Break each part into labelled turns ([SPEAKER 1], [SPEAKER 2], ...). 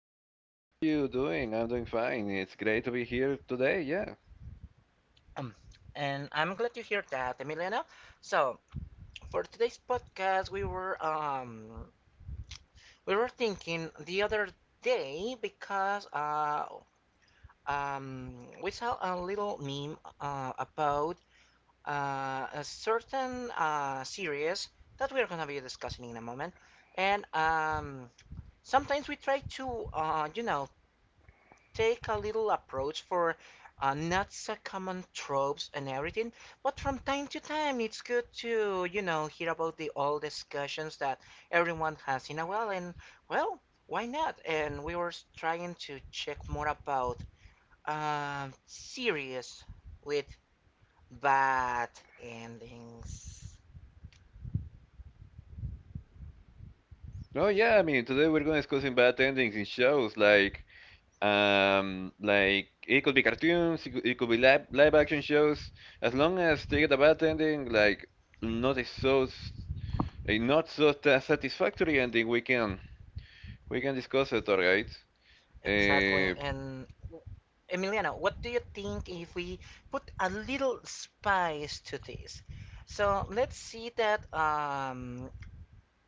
[SPEAKER 1] guys, how are you doing? I'm doing fine. It's great to be here today. Yeah.
[SPEAKER 2] Um, and I'm glad to hear that, Emiliano. So, for today's podcast, we were thinking the other day because um, we saw a little meme about a certain series that we are going to be discussing in a moment. And Sometimes we try to, you know, take a little approach for not so common tropes and everything. But from time to time, it's good to, you know, hear about the old discussions that everyone has in a while. And, well, why not? And we were trying to check more about series with bad endings.
[SPEAKER 1] Oh yeah, I mean today we're gonna discussing bad endings in shows like it could be cartoons, it could be live action shows. As long as they get a bad ending, like not a so s- a not so ta- satisfactory ending, we can discuss it, alright?
[SPEAKER 2] Exactly.
[SPEAKER 1] Uh,
[SPEAKER 2] And Emiliano, what do you think if we put a little spice to this? So let's see that,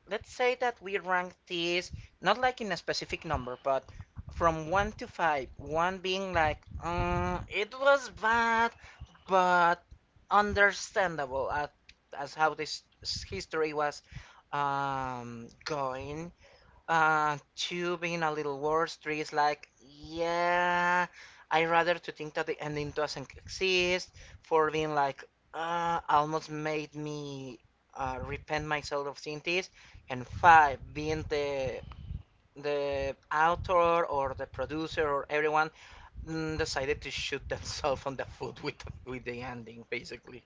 [SPEAKER 2] let's say that we rank this not like in a specific number, but from 1 to 5, 1 being like, mm, it was bad, but understandable at, as how this history was going, two being a little worse. Three is like, yeah, I rather to think that the ending doesn't exist. Four being like, almost made me repent myself of seeing this. And five being the author or the producer or everyone mm, decided to shoot themselves on the foot with the ending, basically.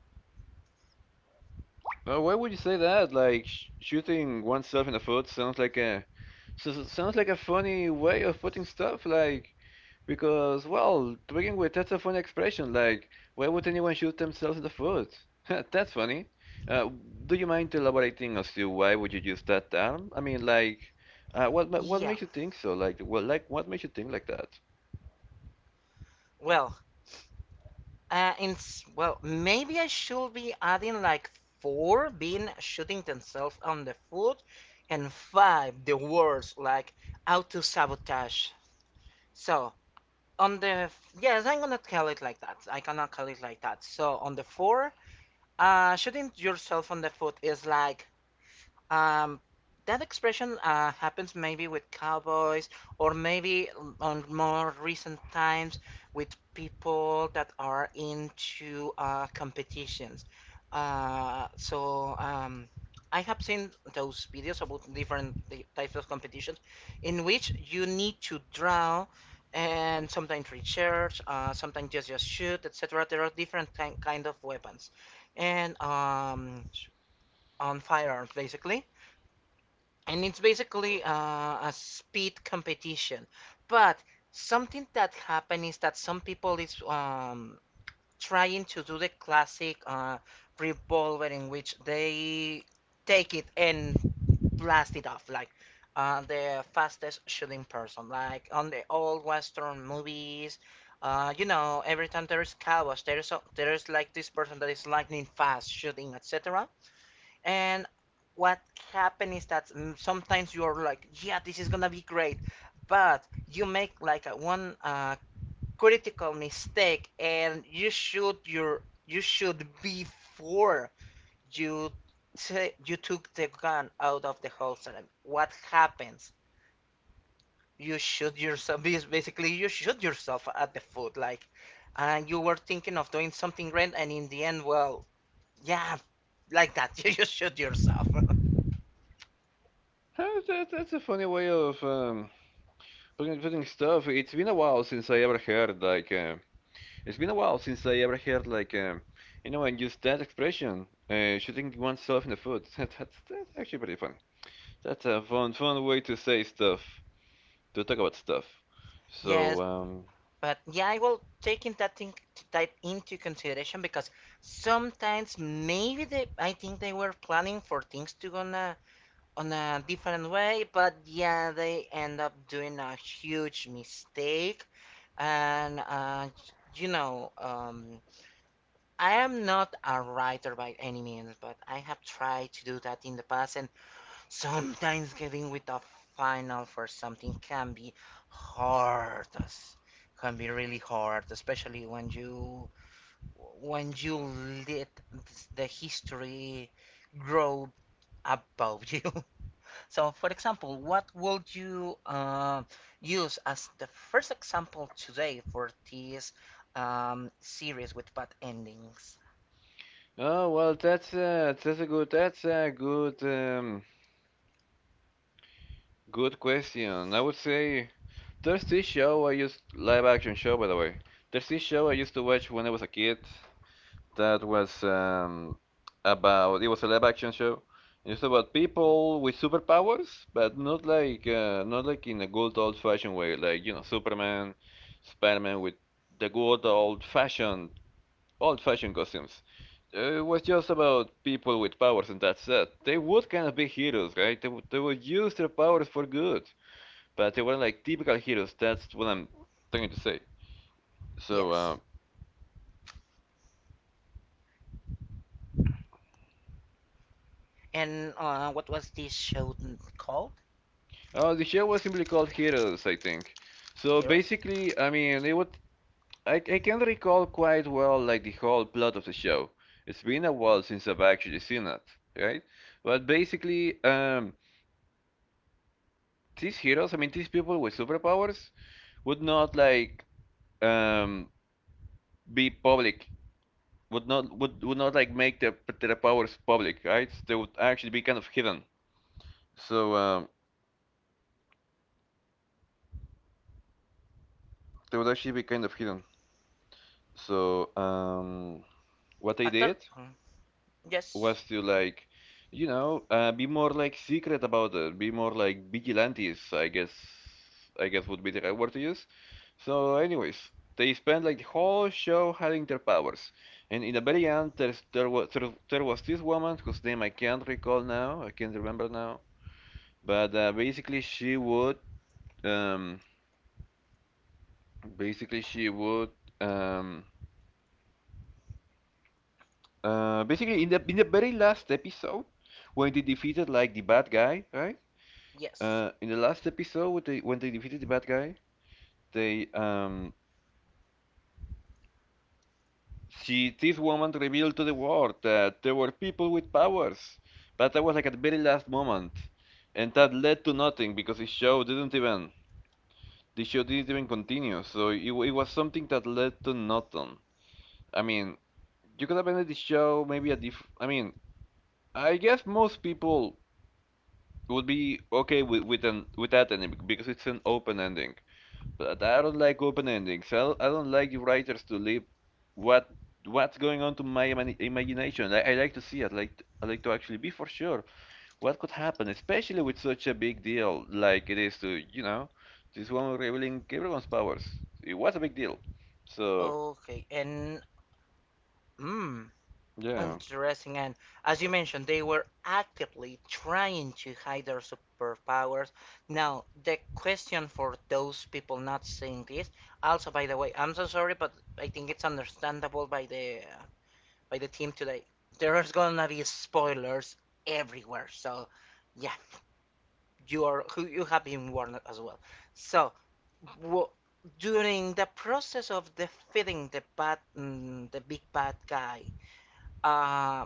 [SPEAKER 1] well, why would you say that? Like sh shooting oneself in the foot sounds like a sounds like a funny way of putting stuff. Like because, well, to begin with, that's a funny expression. Like, why would anyone shoot themselves in the foot? That's funny. Uh, do you mind elaborating as to why would you use that term? I mean, like, what what
[SPEAKER 2] Yeah.
[SPEAKER 1] makes you think so? Like, well, like, what makes you think like that?
[SPEAKER 2] Well, in well, maybe I should be adding like four being shooting themselves on the foot, and five the words like auto sabotage. So on the yes, I'm gonna call it like that. I cannot call it like that. So on the four, shooting yourself on the foot is like um, that expression happens maybe with cowboys, or maybe on more recent times with people that are into competitions. Uh, so um, I have seen those videos about different types of competitions in which you need to draw and sometimes research, sometimes just shoot, etc. There are different kind of weapons and on firearms basically and it's basically a speed competition but something that happened is that some people is trying to do the classic revolver in which they take it and blast it off like the fastest shooting person like on the old western movies you know every time there is cowboys there's like this person that is lightning fast shooting etc and what happens is that mm, sometimes you're like, yeah, this is gonna be great, but you make like a one critical mistake, and you should before you you took the gun out of the holster. What happens? You shoot yourself. Basically, you shoot yourself at the foot, like, and you were thinking of doing something great, and in the end, well, yeah, like that, you just shoot yourself.
[SPEAKER 1] Huh, that's a funny way of putting stuff. It's been a while since I ever heard like, it's been a while since I ever heard like, anyone use that expression, shooting oneself in the foot. That's actually pretty funny. That's a fun way to say stuff, to talk about stuff.
[SPEAKER 2] Yes.
[SPEAKER 1] So,
[SPEAKER 2] But yeah, I will take in that into consideration because sometimes maybe I think they were planning for things to go on a different way, but yeah, they end up doing a huge mistake. And uh, you know, um, I am not a writer by any means, but I have tried to do that in the past, and sometimes getting with a final for something can be hard. as- Can be really hard, especially when you let the history grow above you. So, for example, what would you use as the first example today for this series with bad endings?
[SPEAKER 1] oh well, that's a good, good question. I would say there's this show I used live action show by the way. There's this show I used to watch when I was a kid, that was about it was a live action show. And it's about people with superpowers, but not like not like in a good old fashioned way, like you know Superman, Spider-Man with the good old fashioned costumes. It was just about people with powers, and that's it. They would kind of be heroes, right? They would use their powers for good, but they weren't like typical heroes. That's what I'm trying to say. So,
[SPEAKER 2] Yes. And what was this show called?
[SPEAKER 1] The show was simply called Heroes, I think. So
[SPEAKER 2] Heroes?
[SPEAKER 1] basically, I mean, it would I can recall quite well like the whole plot of the show. It's been a while since I've actually seen it, right? But basically, these heroes, I mean, these people with superpowers would not like um be public, would not like make their powers public, right? They would actually be kind of hidden. So they would actually be kind of hidden. So what they
[SPEAKER 2] Actual?
[SPEAKER 1] did
[SPEAKER 2] Yes,
[SPEAKER 1] was to like, you know, be more like secret about it, be more like vigilantes, I guess would be the right word to use. So, anyways, they spent like the whole show hiding their powers, and in the very end, there was this woman whose name I can't recall now, I can't remember now, but um, basically she would, um, basically in the very last episode, when they defeated like the bad guy, right?
[SPEAKER 2] yes.
[SPEAKER 1] In the last episode, when they defeated the bad guy, they she this woman revealed to the world that there were people with powers, but that was like at the very last moment, and that led to nothing because the show didn't even continue. So it was something that led to nothing. I mean, you could have ended the show maybe a diff. I mean, I guess most people would be okay with an with that ending because it's an open ending. But I don't like open endings. I don't like writers to leave what what's going on to my imagination. I like to see it. Like I like to actually be for sure what could happen, especially with such a big deal like it is to you know this woman revealing everyone's powers. It was a big deal. So
[SPEAKER 2] Okay, and mm,
[SPEAKER 1] yeah.
[SPEAKER 2] interesting. And as you mentioned, they were actively trying to hide their superpowers. Now, the question for those people not seeing this, also, by the way, I'm so sorry, but I think it's understandable by the team today. There's gonna be spoilers everywhere, so yeah, you are who you have been warned as well. So w- during the process of defeating the bad, mm, the big bad guy, uh,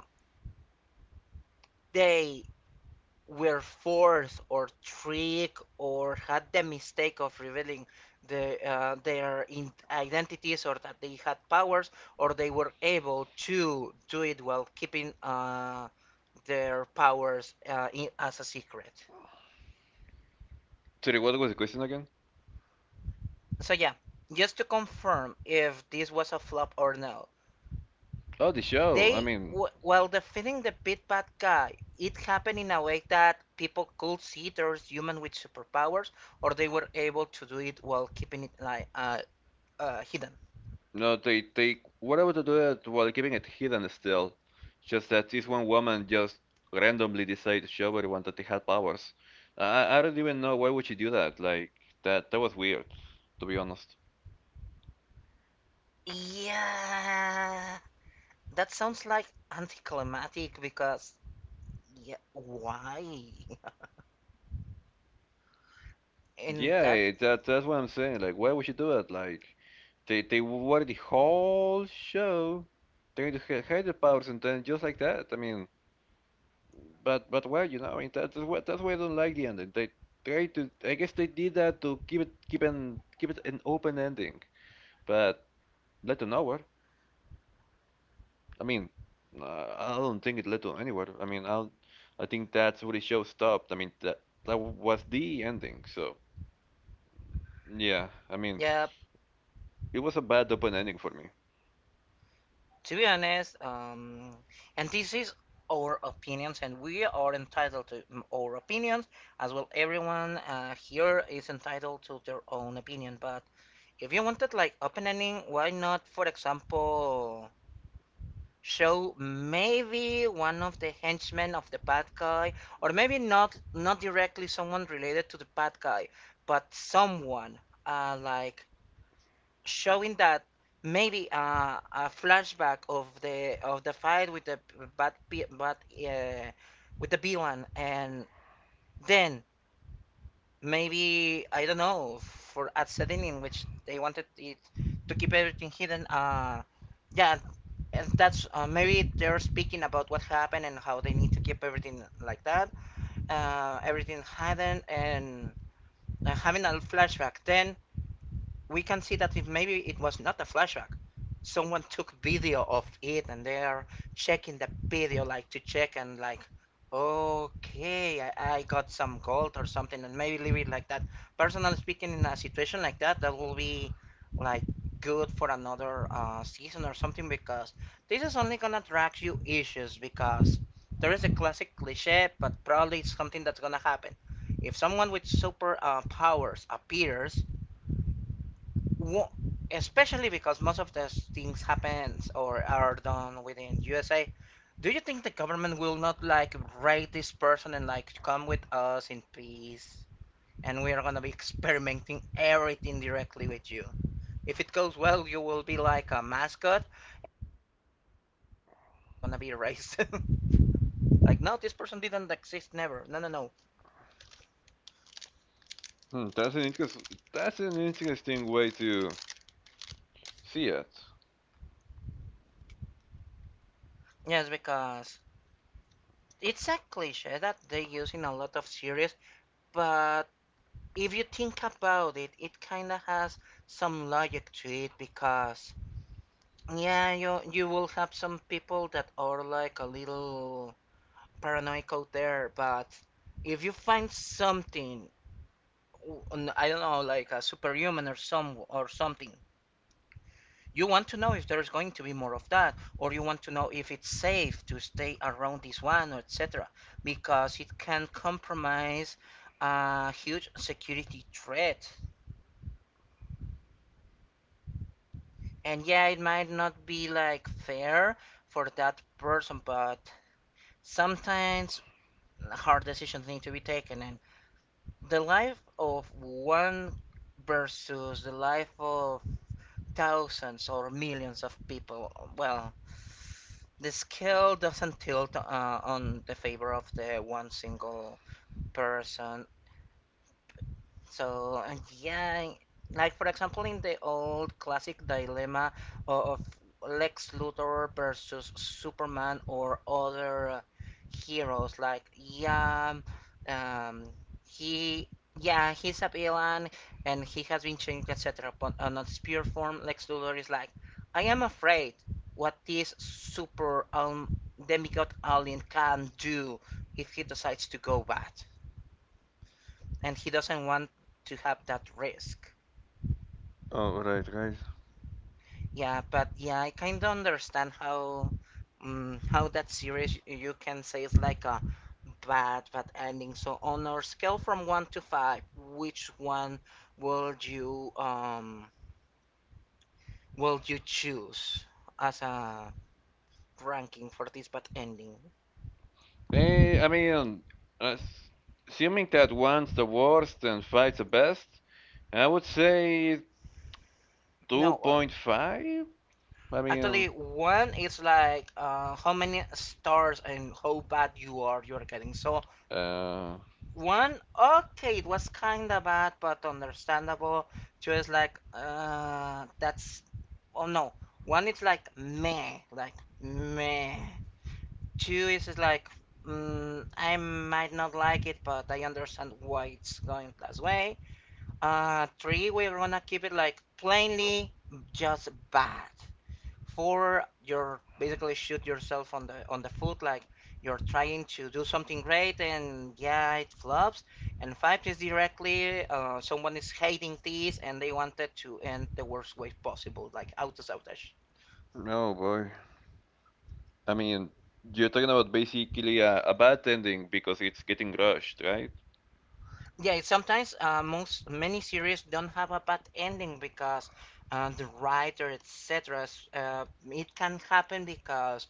[SPEAKER 2] they were forced or tricked or had the mistake of revealing their identities or that they had powers or they were able to do it while keeping their powers as a secret.
[SPEAKER 1] Sorry, what was the question again?
[SPEAKER 2] So yeah, just to confirm if this was a flop or no,
[SPEAKER 1] Oh, the show. I
[SPEAKER 2] they
[SPEAKER 1] mean,
[SPEAKER 2] while defeating the Pit Bad guy, it happened in a way that people could see there's human with superpowers, or they were able to do it while keeping it like hidden.
[SPEAKER 1] no, they were able to do it while keeping it hidden still. Just that this one woman just randomly decided to show everyone that they had powers. I don't even know why would she do that. Like that was weird, to be honest.
[SPEAKER 2] Yeah, that sounds like anticlimactic because yeah, why? And
[SPEAKER 1] Yeah,
[SPEAKER 2] that
[SPEAKER 1] that's what I'm saying. Like why would she do it? Like they were the whole show trying to hide the powers and then just like that. I mean. But well, you know, I mean that's what that's why I don't like the ending. They try to, I guess they did that to keep it an open ending, but led to nowhere. I mean, I don't think it led to anywhere. I mean, I think that's where the show stopped. I mean, that was the ending. So yeah, I mean,
[SPEAKER 2] yeah.
[SPEAKER 1] it was a bad open ending for me.
[SPEAKER 2] To be honest, and this is our opinions, and we are entitled to mm, our opinions as well. Everyone here is entitled to their own opinion, but if you wanted like open ending, why not, for example, show maybe one of the henchmen of the bad guy, or maybe not directly someone related to the bad guy, but someone like showing that maybe a flashback of the fight with the bad pe- bad uh, with the villain, and then maybe I don't know for at setting in which they wanted it to keep everything hidden. Yeah, and that's maybe they're speaking about what happened and how they need to keep everything like that, everything hidden, and having a flashback. Then we can see that if maybe it was not a flashback someone took video of it and they are checking the video like to check and like okay I got some gold or something and maybe leave it like that personally speaking in a situation like that that will be like good for another season or something because this is only gonna drag you issues because there is a classic cliche but probably it's something that's gonna happen if someone with super powers appears wo- especially because most of those things happens or are done within USA. Do you think the government will not like raid this person and like come with us in peace? And we are gonna be experimenting everything directly with you. If it goes well, you will be like a mascot, and if not, well, you are gonna be erased. Like, no, this person didn't exist, never. No, no, no.
[SPEAKER 1] Hmm, that's an interesting way to see it.
[SPEAKER 2] Yes, because it's a cliche that they use in a lot of series, but if you think about it, it kind of has some logic to it because yeah, you will have some people that are like a little paranoid out there, but if you find something, I don't know, like a superhuman or something, you want to know if there's going to be more of that, or you want to know if it's safe to stay around this one, or etc. Because it can compromise a huge security threat. And yeah, it might not be like fair for that person, but sometimes hard decisions need to be taken. And the life of one versus the life of thousands or millions of people, well, the scale doesn't tilt on the favor of the one single person. So yeah, like for example, in the old classic dilemma of Lex Luthor versus Superman or other heroes, like yeah, um, he yeah he's a villain and he has been changed, etc. But on a spear form, Lex Luthor is like, I am afraid what this super demigod alien can do if he decides to go bad and he doesn't want to have that risk.
[SPEAKER 1] All right, guys.
[SPEAKER 2] Yeah, but yeah, I kind of understand how that series you can say is like a bad ending. So on our scale from one to five, which one will you will you choose as a ranking for this bad ending?
[SPEAKER 1] Eh, I mean, as- assuming that one's the worst and five's the best, I would say
[SPEAKER 2] No,
[SPEAKER 1] 2.5. I
[SPEAKER 2] actually
[SPEAKER 1] mean,
[SPEAKER 2] one is like how many stars and how bad you're getting. So
[SPEAKER 1] uh,
[SPEAKER 2] one? Okay, it was kinda bad, but understandable. Two is like, that's. Oh no. One is like meh, like meh. Two is just like, mm, I might not like it, but I understand why it's going that way. Three, we're gonna keep it like plainly just bad. Four, you're basically shoot yourself on the foot, like you're trying to do something great and yeah, it flops. And five is directly someone is hating this and they wanted to end the worst way possible, like auto sabotage.
[SPEAKER 1] no, boy. I mean, you're talking about basically a bad ending because it's getting rushed, right?
[SPEAKER 2] Yeah, it's sometimes most many series don't have a bad ending because the writer, etc. It can happen because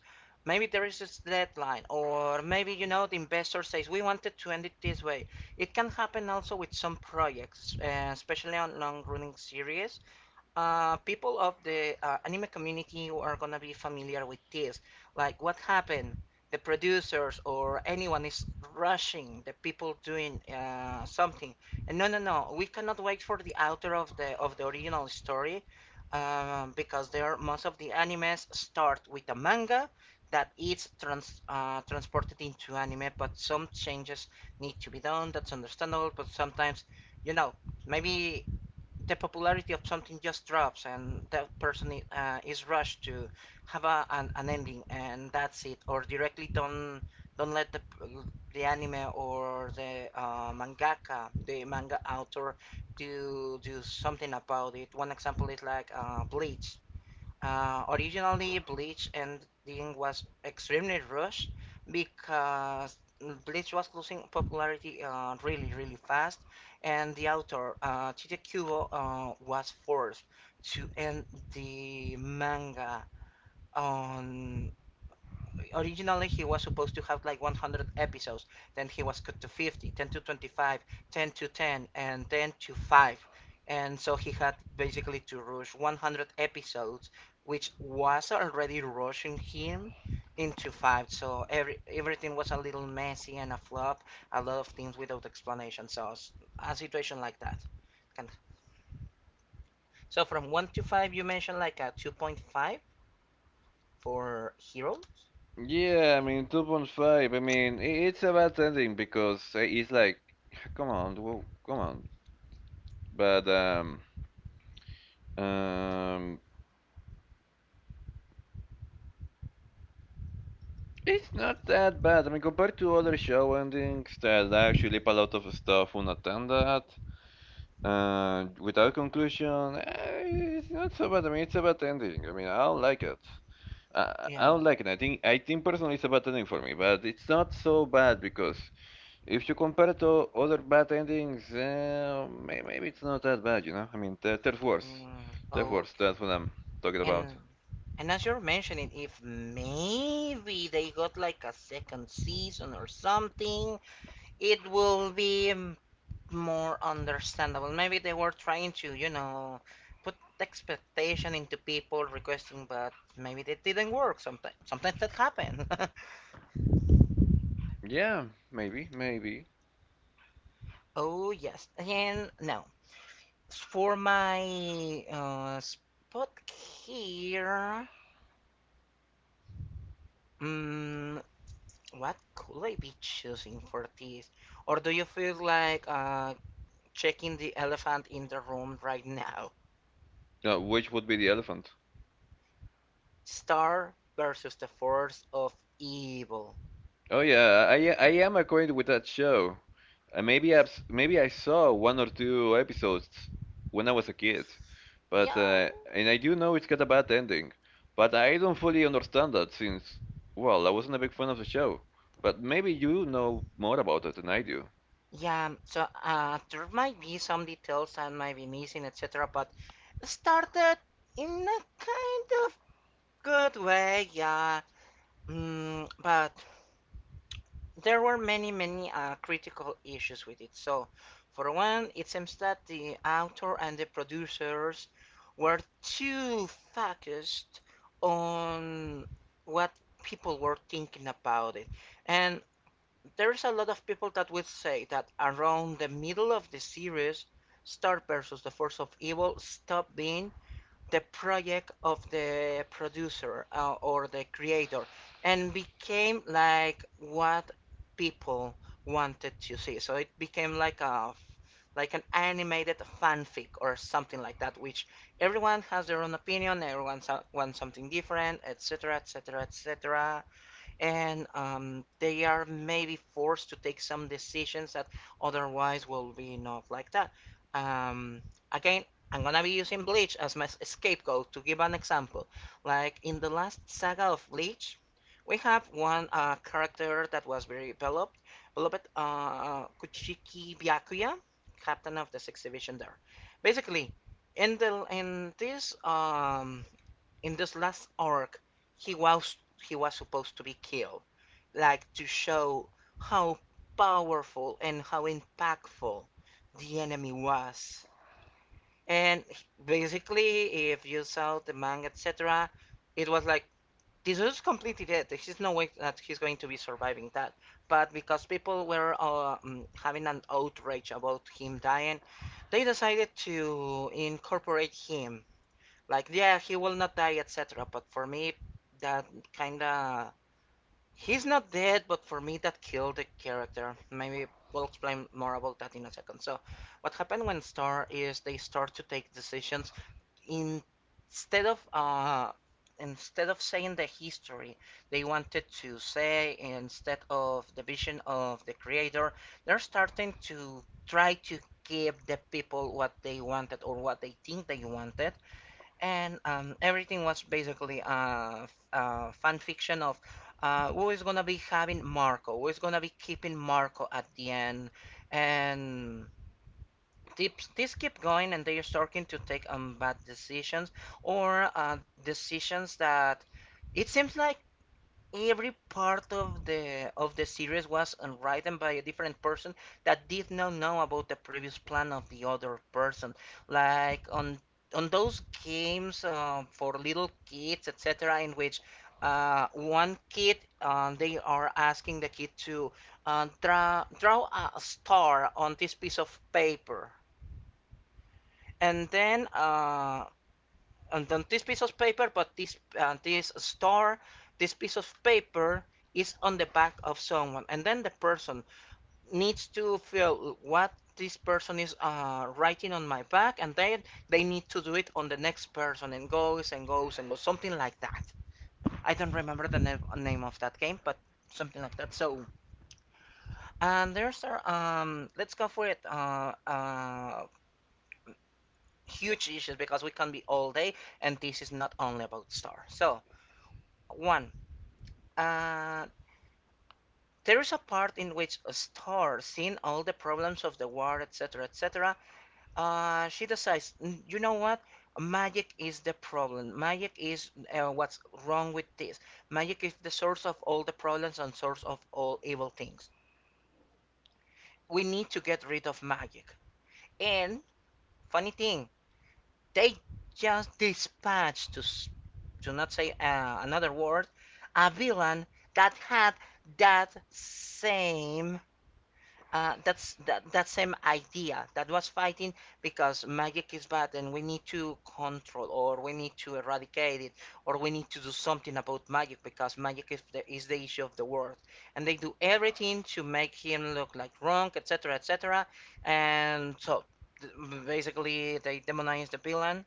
[SPEAKER 2] maybe there is this deadline, or maybe you know the investor says we wanted to end it this way. It can happen also with some projects, especially on long-running series, people of the anime community who are gonna be familiar with this, like what happened, the producers or anyone is rushing the people doing something, and no, no, no, we cannot wait for the author of the original story, because there most of the animes start with a manga that is transported into anime, but some changes need to be done. That's understandable, but sometimes, you know, maybe the popularity of something just drops and that person is rushed to have an ending and that's it, or directly don't let the anime or the mangaka, the manga author, do something about it. One example is like, Bleach. Originally, Bleach ending was extremely rushed because Bleach was losing popularity, really, really fast, and the author, Chiche Kubo, was forced to end the manga. On Originally, he was supposed to have like 100 episodes. Then he was cut to 50, 10 to 25, 10 to 10, and 10 to 5. And so he had basically to rush 100 episodes, which was already rushing him, into 5. So everything was a little messy and a flop, a lot of things without explanation. So, a situation like that. And so, from 1 to 5 you mentioned like a 2.5 for heroes.
[SPEAKER 1] Yeah, I mean, 2.5. I mean, it's a bad ending because it's like, come on, whoa, come on. But, um, it's not that bad. I mean, compared to other show endings that actually leave a lot of stuff unattended, without conclusion, eh, it's not so bad. I mean, it's a bad ending. I mean, I don't like it. I
[SPEAKER 2] Yeah.
[SPEAKER 1] don't like it. I think personally it's a bad ending for me, but it's not so bad because if you compare it to other bad endings, maybe it's not that bad, you know? I mean, there's worse.
[SPEAKER 2] Mm.
[SPEAKER 1] There's worse.
[SPEAKER 2] Okay.
[SPEAKER 1] That's what I'm talking about.
[SPEAKER 2] And and as you're mentioning, if maybe they got like a second season or something, it will be more understandable. Maybe they were trying to, put expectation into people requesting, but maybe that didn't work. Sometimes, that happens.
[SPEAKER 1] Yeah, maybe, maybe.
[SPEAKER 2] Oh yes, and now for my spot here. mm What could I be choosing for this? Or do you feel like checking the elephant in the room right now?
[SPEAKER 1] Which would be the elephant?
[SPEAKER 2] Star versus the Force of Evil.
[SPEAKER 1] Oh yeah, I am acquainted with that show. Maybe I saw one or two episodes when I was a kid, but
[SPEAKER 2] Yeah.
[SPEAKER 1] and I do know it's got a bad ending, but I don't fully understand that since well I wasn't a big fan of the show. But maybe you know more about it than I do.
[SPEAKER 2] Yeah, so there might be some details I might be missing, etc. But started in a kind of good way, yeah. But there were many, many critical issues with it. So, for one, it seems that the author and the producers were too focused on what people were thinking about it. And there's a lot of people that would say that around the middle of the series, Star versus the Force of Evil stopped being the project of the producer, or the creator, and became like what people wanted to see. So it became like a like an animated fanfic or something like that, which everyone has their own opinion, everyone wants something different, etc., etc., etc. And they are maybe forced to take some decisions that otherwise will be not like that. Um, again, I'm gonna be using Bleach as my scapegoat to give an example. Like, in the last saga of Bleach, we have one character that was very developed, beloved, Kuchiki Byakuya, captain of the sixth division there. Basically, in the in this um, in this last arc, he was he was supposed to be killed, like, to show how powerful and how impactful the enemy was. And basically, if you saw the manga, etc., it was like, this is completely dead, there's no way that he's going to be surviving that. But because people were having an outrage about him dying, they decided to incorporate him, like, yeah, he will not die, etc. But for me, that kind of, he's not dead, but for me that killed the character. Maybe we'll explain more about that in a second. So what happened, when Star is, they start to take decisions in... instead of uh instead of saying the history they wanted to say, instead of the vision of the creator, they're starting to try to give the people what they wanted, or what they think they wanted. And everything was basically fan fiction of, who is gonna be having Marco, who is gonna be keeping Marco at the end. And this keep going, and they are starting to take bad decisions, or decisions that, it seems like every part of the series was written by a different person that did not know about the previous plan of the other person. Like on those games, for little kids, etc., in which one kid, they are asking the kid to draw a star on this piece of paper. And then and on this piece of paper, but this this star, this piece of paper is on the back of someone, and then the person needs to feel what this person is writing on my back, and then they need to do it on the next person, and goes and goes and goes, something like that. I don't remember the name of that game, but something like that. So, and there's our, let's go for it. Huge issues, because we can be all day, and this is not only about Star. So, one, uh, there is a part in which Star, seeing all the problems of the war, etc., etc., she decides, "Mm, you know what? Magic is the problem. Magic is, what's wrong with this. Magic is the source of all the problems and source of all evil things. We need to get rid of magic." And funny thing, they just dispatched, to not say, another word, a villain that had that same that same idea, that was fighting because magic is bad and we need to control, or we need to eradicate it, or we need to do something about magic because magic is the issue of the world. And they do everything to make him look like wrong, etc., etc. And so, basically, they demonize the villain.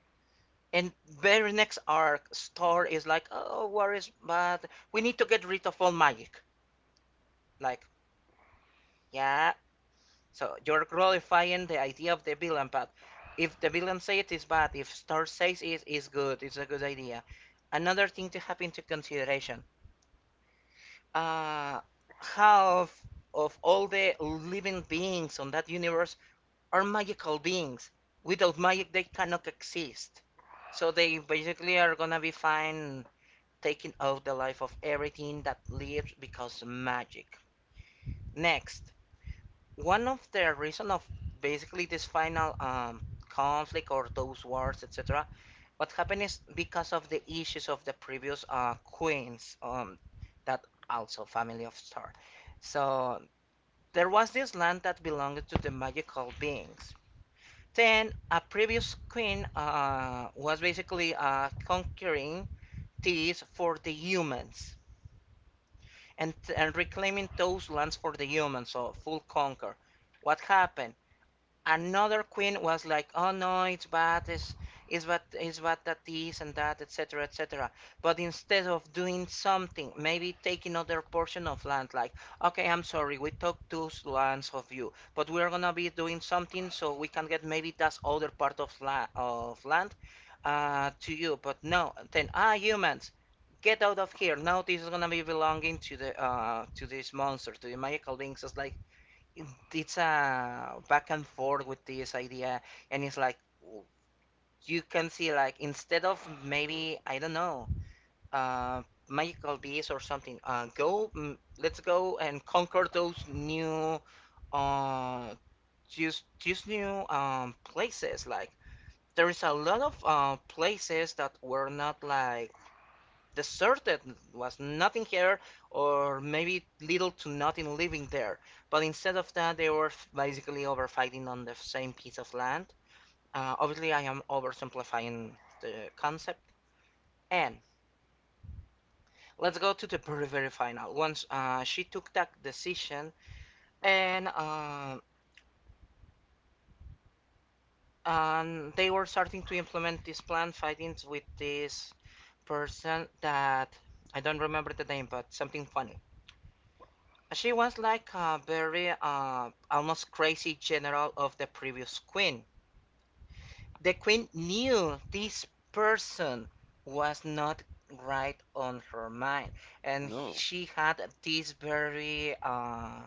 [SPEAKER 2] And very next arc, Star is like, oh, war is bad, we need to get rid of all magic, like, yeah. So you're glorifying the idea of the villain, but if the villain says it is bad, if Star says it is good, it's a good idea. Another thing to have into consideration: uh, half of all the living beings on that universe are magical beings. Without magic, they cannot exist. So they basically are gonna be fine taking out the life of everything that lives because of magic. Next, one of the reason of basically this final conflict or those wars, etc., what happened is because of the issues of the previous queens, that also family of Star. So, there was this land that belonged to the magical beings. Then a previous queen, was basically conquering these for the humans, and reclaiming those lands for the humans, so full conquer. What happened? Another queen was like, "Oh no, it's bad. It's bad. It's bad that this and that, etc., etc." But instead of doing something, maybe take another portion of land. Like, okay, I'm sorry, we took two lands of you, but we're gonna be doing something so we can get maybe that other part of land, to you. But no, then, ah, humans, get out of here. Now this is gonna be belonging to this monster, to the magical beings. It's like, it's a back and forth with this idea, and it's like you can see, like, instead of, maybe I don't know, uh magical beasts or something, let's go and conquer those new uh just new places. Like, there is a lot of places that were not like the Deserted, was nothing here, or maybe little to nothing living there. But instead of that, they were basically overfighting on the same piece of land. Obviously, I am oversimplifying the concept. And let's go to the very, very final. Once she took that decision, and uh, and they were starting to implement this plan, fighting with this person that, I don't remember the name, but something funny. She was like a very, almost crazy general of the previous queen. The queen knew this person was not right on her mind, and
[SPEAKER 1] No,
[SPEAKER 2] she had these very uh,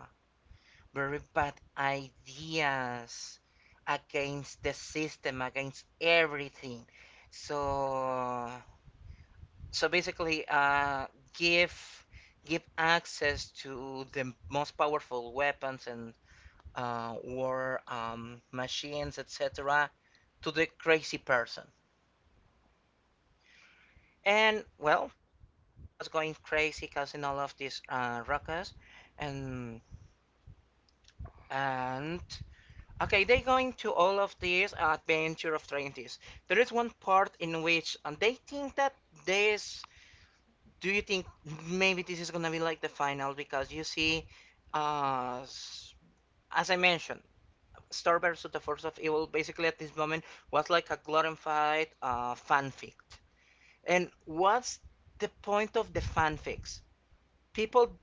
[SPEAKER 2] very bad ideas against the system, against everything. So so, basically, give give access to the most powerful weapons, and war, machines, etc., to the crazy person. And well, eventually she was going crazy, causing all of these ruckus. And and okay, they go into all of these adventure of twenties. There is one part in which, and they think that this. Do you think maybe this is gonna be like the final? Because you see, uh, as I mentioned, Star versus the Force of Evil basically at this moment was like a glorified fanfic. And what's the point of the fanfics? People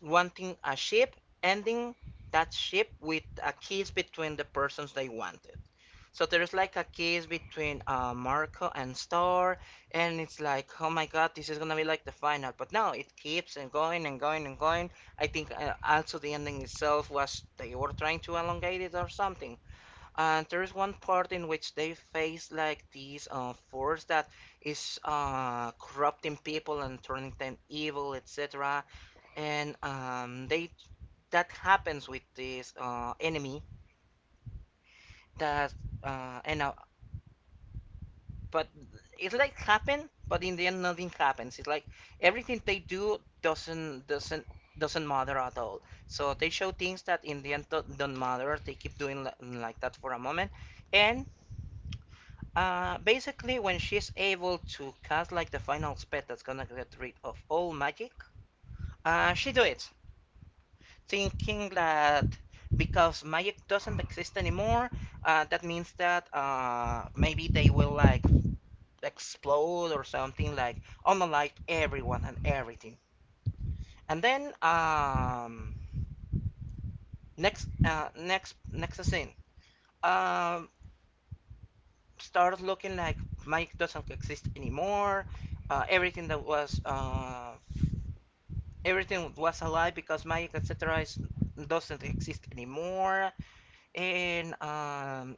[SPEAKER 2] wanting a ship, ending that ship with a kiss between the persons they wanted. So there's like a kiss between Marco and Star, and it's like, oh my god, this is gonna be like the final. But no, it keeps and going and going and going. I think also the ending itself was they were trying to elongate it or something. And there is one part in which they face like these force that is corrupting people and turning them evil, etc. And they that happens with this enemy that and but it's like happen, but in the end nothing happens. It's like everything they do doesn't doesn't matter at all. So they show things that in the end don't matter. They keep doing like that for a moment, and basically, when she's able to cast like the final spell that's gonna get rid of all magic, she do it, thinking that because magic doesn't exist anymore, that means that maybe they will like explode or something like unalive everyone and everything. And then next, next, next scene, um, starts looking like magic doesn't exist anymore. Everything that was everything was a lie because magic etc. Is, doesn't exist anymore, and um,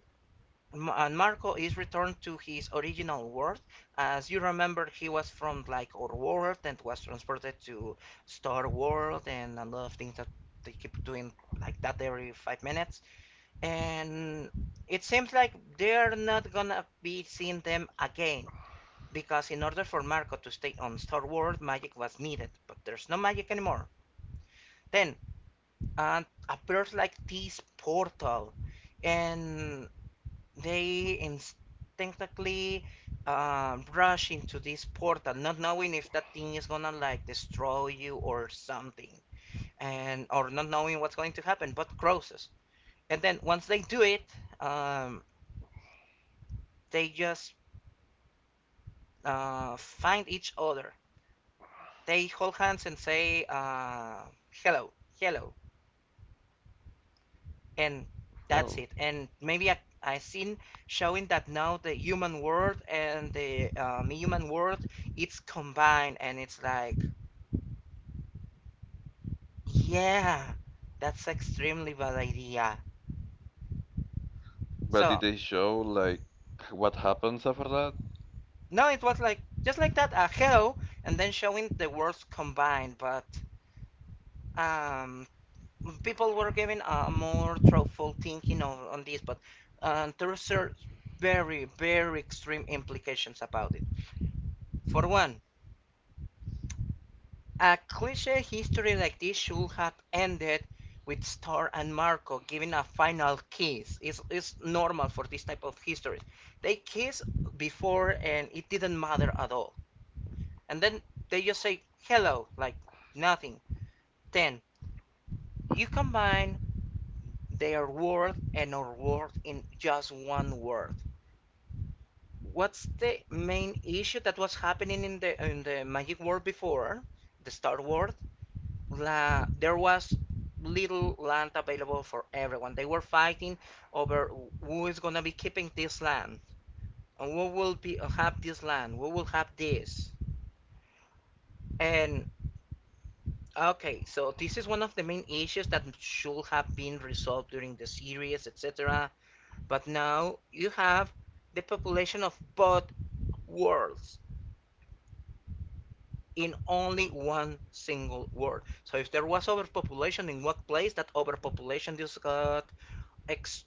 [SPEAKER 2] and Marco is returned to his original world. As you remember, he was from like our world and was transported to Star World and a lot of things that they keep doing like that every 5 minutes. And it seems like they're not gonna be seeing them again because in order for Marco to stay on Star World, magic was needed, but there's no magic anymore. Then and appears like this portal and they instinctively rush into this portal not knowing if that thing is gonna like destroy you or something and or not knowing what's going to happen but crosses and then once they do it um, they just find each other, they hold hands and say hello, hello, and that's
[SPEAKER 1] no.
[SPEAKER 2] it. And maybe I seen showing that now the human world and the human world it's combined, and it's like yeah, that's extremely bad idea.
[SPEAKER 1] But did
[SPEAKER 2] So
[SPEAKER 1] they show like what happens after that?
[SPEAKER 2] no, it was like just like that. Hello, and then showing the words combined, but um, people were giving a more thoughtful thinking on this, but there are very extreme implications about it. For one, a cliche history like this should have ended with Star and Marco giving a final kiss. It's normal for this type of histories. They kiss before and it didn't matter at all. And then they just say hello, like nothing. Then you combine their word and our word in just one word. What's the main issue that was happening in the magic world before? The Star World la, there was little land available for everyone. They were fighting over who is gonna be keeping this land and who will be have this land, who will have this. And okay, so this is one of the main issues that should have been resolved during the series, etc. But now you have the population of both worlds in only one single world. So if there was overpopulation in one place, that overpopulation just got ex-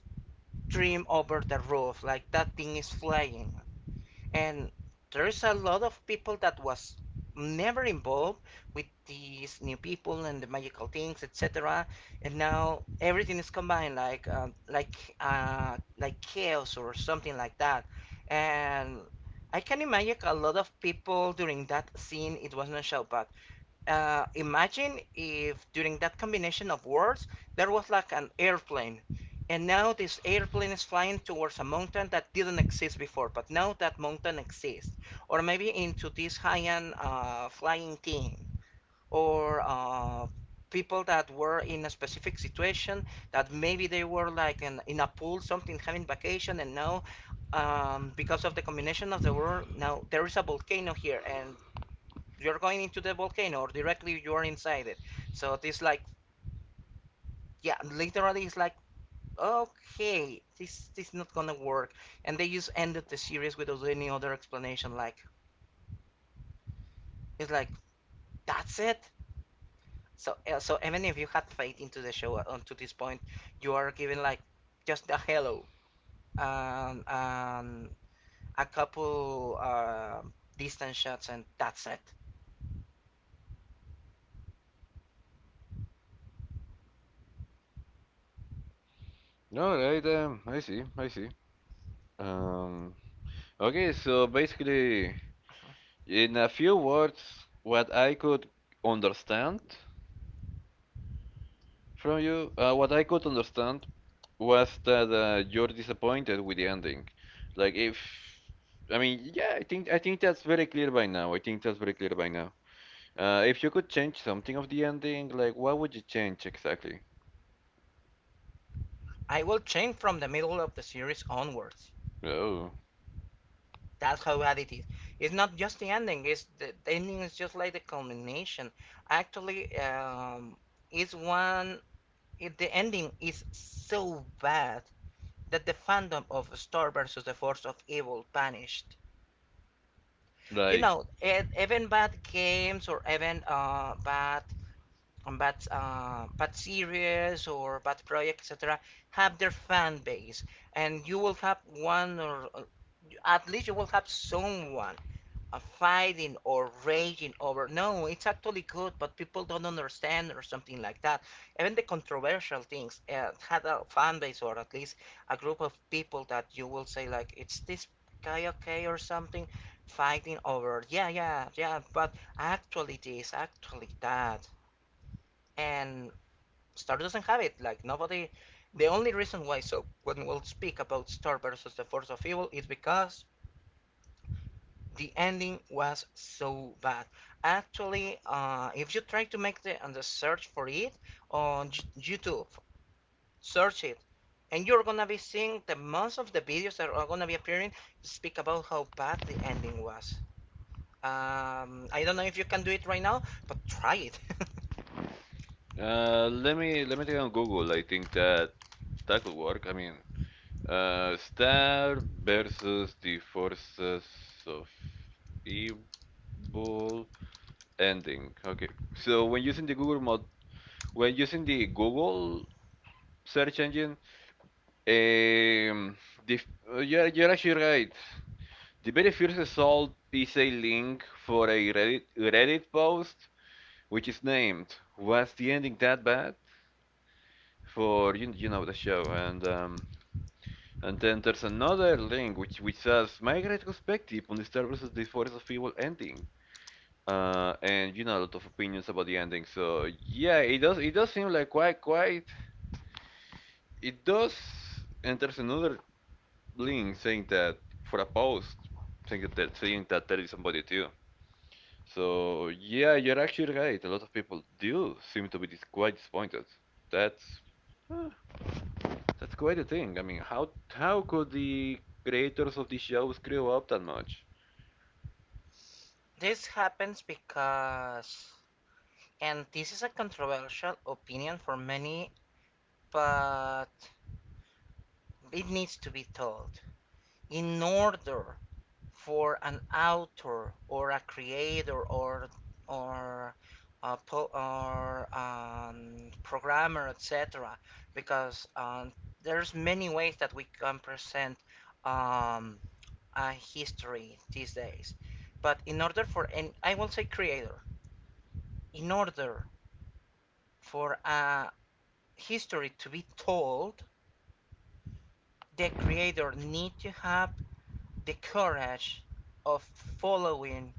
[SPEAKER 2] dream over the roof like that thing is flying and there's a lot of people that was never involved with these new people and the magical things etc, and now everything is combined like like chaos or something like that, and I can imagine a lot of people during that scene it was not show, but imagine if during that combination of words there was like an airplane, and now this airplane is flying towards a mountain that didn't exist before, but now that mountain exists, or maybe into this high-end flying team, or people that were in a specific situation that maybe they were like in a pool, something having vacation, and now because of the combination of the word, now there is a volcano here, and you're going into the volcano or directly you're inside it. So this like yeah, literally it's like okay, this is not gonna work. And they just ended the series without any other explanation. Like it's like that's it. So even if you had faith into the show to this point, you are given like just a hello and a couple distance shots and that's it.
[SPEAKER 1] All right, I see, I see. Um, okay, so basically, in a few words, what I could understand from you, what I could understand was that you're disappointed with the ending. Like if, I mean, yeah, I think that's very clear by now. I think that's very clear by now. If you could change something of the ending, like what would you change exactly?
[SPEAKER 2] I will change from the middle of the series onwards.
[SPEAKER 1] Oh,
[SPEAKER 2] That's how bad it is. It's not just the ending. It's the ending is just like the culmination. Actually, it's one. It, the ending is so bad that the fandom of Star versus the Force of Evil vanished. You
[SPEAKER 1] like
[SPEAKER 2] know, even bad games or even bad series or bad project etc. have their fan base, and you will have one or at least you will have someone fighting or raging over. No, it's actually good, but people don't understand or something like that. Even the controversial things had a fan base or at least a group of people that you will say like, it's this guy okay or something fighting over. Yeah, yeah, yeah, but actually this, actually that, and Star doesn't have it. Like nobody. The only reason why so when we'll speak about Star versus the Force of Evil is because the ending was so bad. Actually, if you try to make and the search for it on YouTube, search it, and you're gonna be seeing the most of the videos that are gonna be appearing speak about how bad the ending was. I don't know if you can do it right now, but try it.
[SPEAKER 1] let me take on Google. I think that that could work. I mean. Star versus the forces of evil ending. Okay. So when using the Google mod, when using the Google search engine, um, the, you're actually right. The very first result is a link for a Reddit, Reddit post, which is named "Was the ending that bad?" for you, you know the show, and and then there's another link which says my retrospective on the Star vs. the Force of Evil ending. And you know a lot of opinions about the ending. So yeah, it does seem like quite quite it does. And there's another link saying that for a post saying that they're- saying that there is somebody too. So yeah, you're actually right. A lot of people do seem to be quite disappointed. That's huh, that's quite a thing. I mean, how could the creators of the show screw up that much?
[SPEAKER 2] This happens because, and this is a controversial opinion for many, but it needs to be told. In order for an author or a creator or a po- or programmer, etc. Because there's many ways that we can present um, a history these days. But in order for and I won't say creator, in order for a history to be told, the creator need to have the courage of following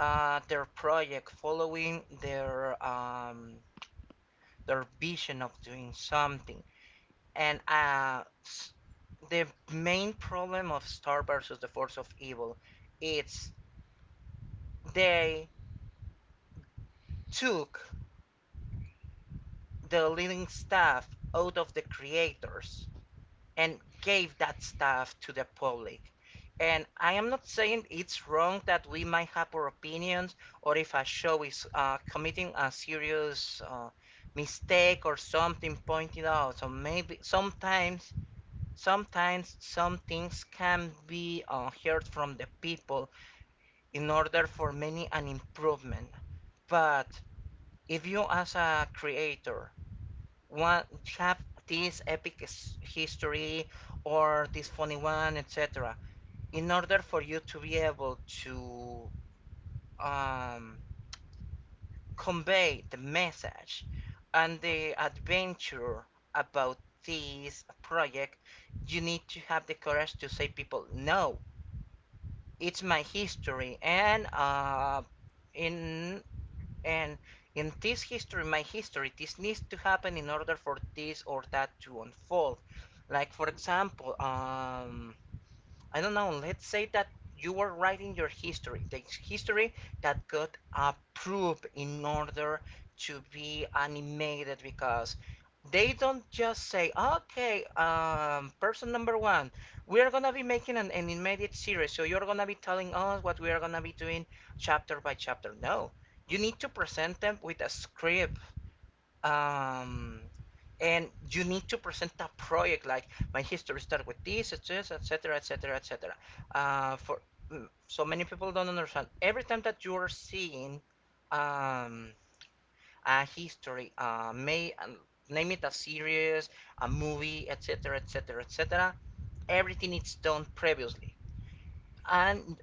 [SPEAKER 2] their project, following their vision of doing something. And the main problem of Star versus the Force of Evil, it's they took the leading staff out of the creators and gave that stuff to the public. And I am not saying it's wrong that we might have our opinions or if a show is committing a serious mistake or something pointed out. So maybe sometimes, sometimes some things can be heard from the people in order for many an improvement. But if you as a creator one have this epic history or this funny one, etc. In order for you to be able to um, convey the message and the adventure about this project, you need to have the courage to say people, no, it's my history, and uh, in And in this history, my history, this needs to happen in order for this or that to unfold. Like for example, I don't know, let's say that you are writing your history, the history that got approved in order to be animated because they don't just say, okay, person number one, we're gonna be making an animated series, so you're gonna be telling us what we are gonna be doing chapter by chapter. No, you need to present them with a script um, and you need to present a project like my history started with this, it's this, etc., etc., etc. Uh, For so many people don't understand. Every time that you are seeing um, a history, may name it a series, a movie, etc., etc., etc., everything is done previously, and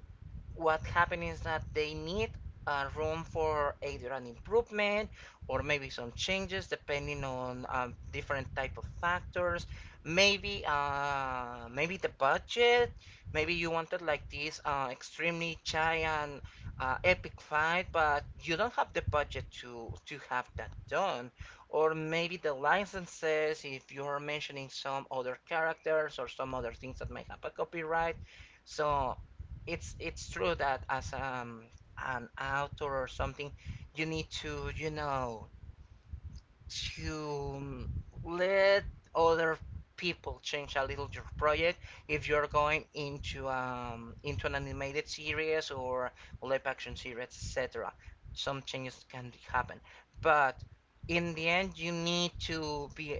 [SPEAKER 2] what happened is that they need room for either an improvement or maybe some changes depending on different type of factors, maybe the budget, maybe you wanted like this extremely giant epic fight but you don't have the budget to have that done, or maybe the licenses if you're mentioning some other characters or some other things that might have a copyright, so it's true that as an author or something, you need to you know to let other people change a little your project, if you're going into an animated series or live action series etc, some changes can happen, but in the end you need to be,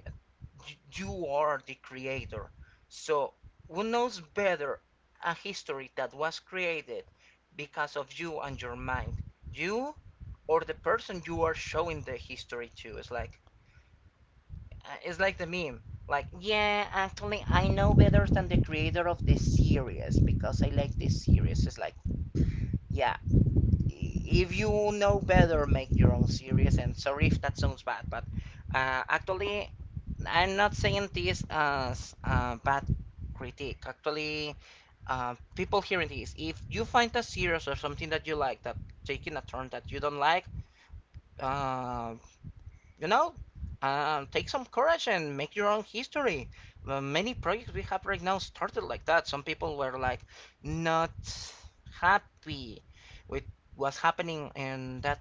[SPEAKER 2] you are the creator. So who knows better a history that was created because of you and your mind? You or the person you are showing the history to? It's like the meme. Like, yeah, actually, I know better than the creator of this series because I like this series. It's like, yeah, if you know better, make your own series. And sorry if that sounds bad, but actually, I'm not saying this as a bad critique. Actually, people hearing this, if you find a series or something that you like that taking a turn that you don't like, uh, you know, take some courage and make your own history. Many projects we have right now started like that. Some people were like not happy with what's happening in that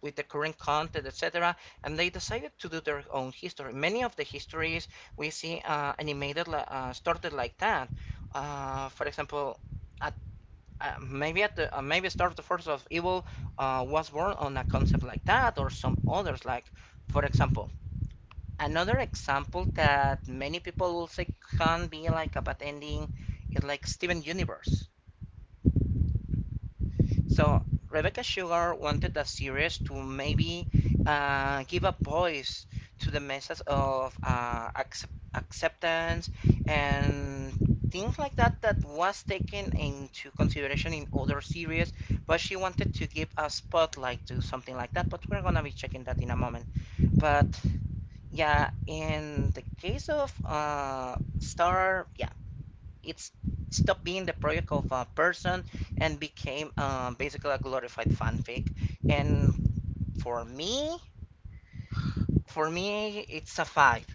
[SPEAKER 2] with the current content, etc. And they decided to do their own history. Many of the histories we see animated started like that. For example, at maybe at the maybe Star of the Force of Evil was born on a concept like that, or some others like, for example, another example that many people will say can be like a bad ending is like Steven Universe. So Rebecca Sugar wanted the series to maybe give a voice to the message of acceptance and things like that that was taken into consideration in other series, but she wanted to give a spotlight to something like that. But we're gonna be checking that in a moment. But yeah, in the case of Star, yeah, it stopped being the project of a person and became basically a glorified fanfic. And for me, for me, it's a fight.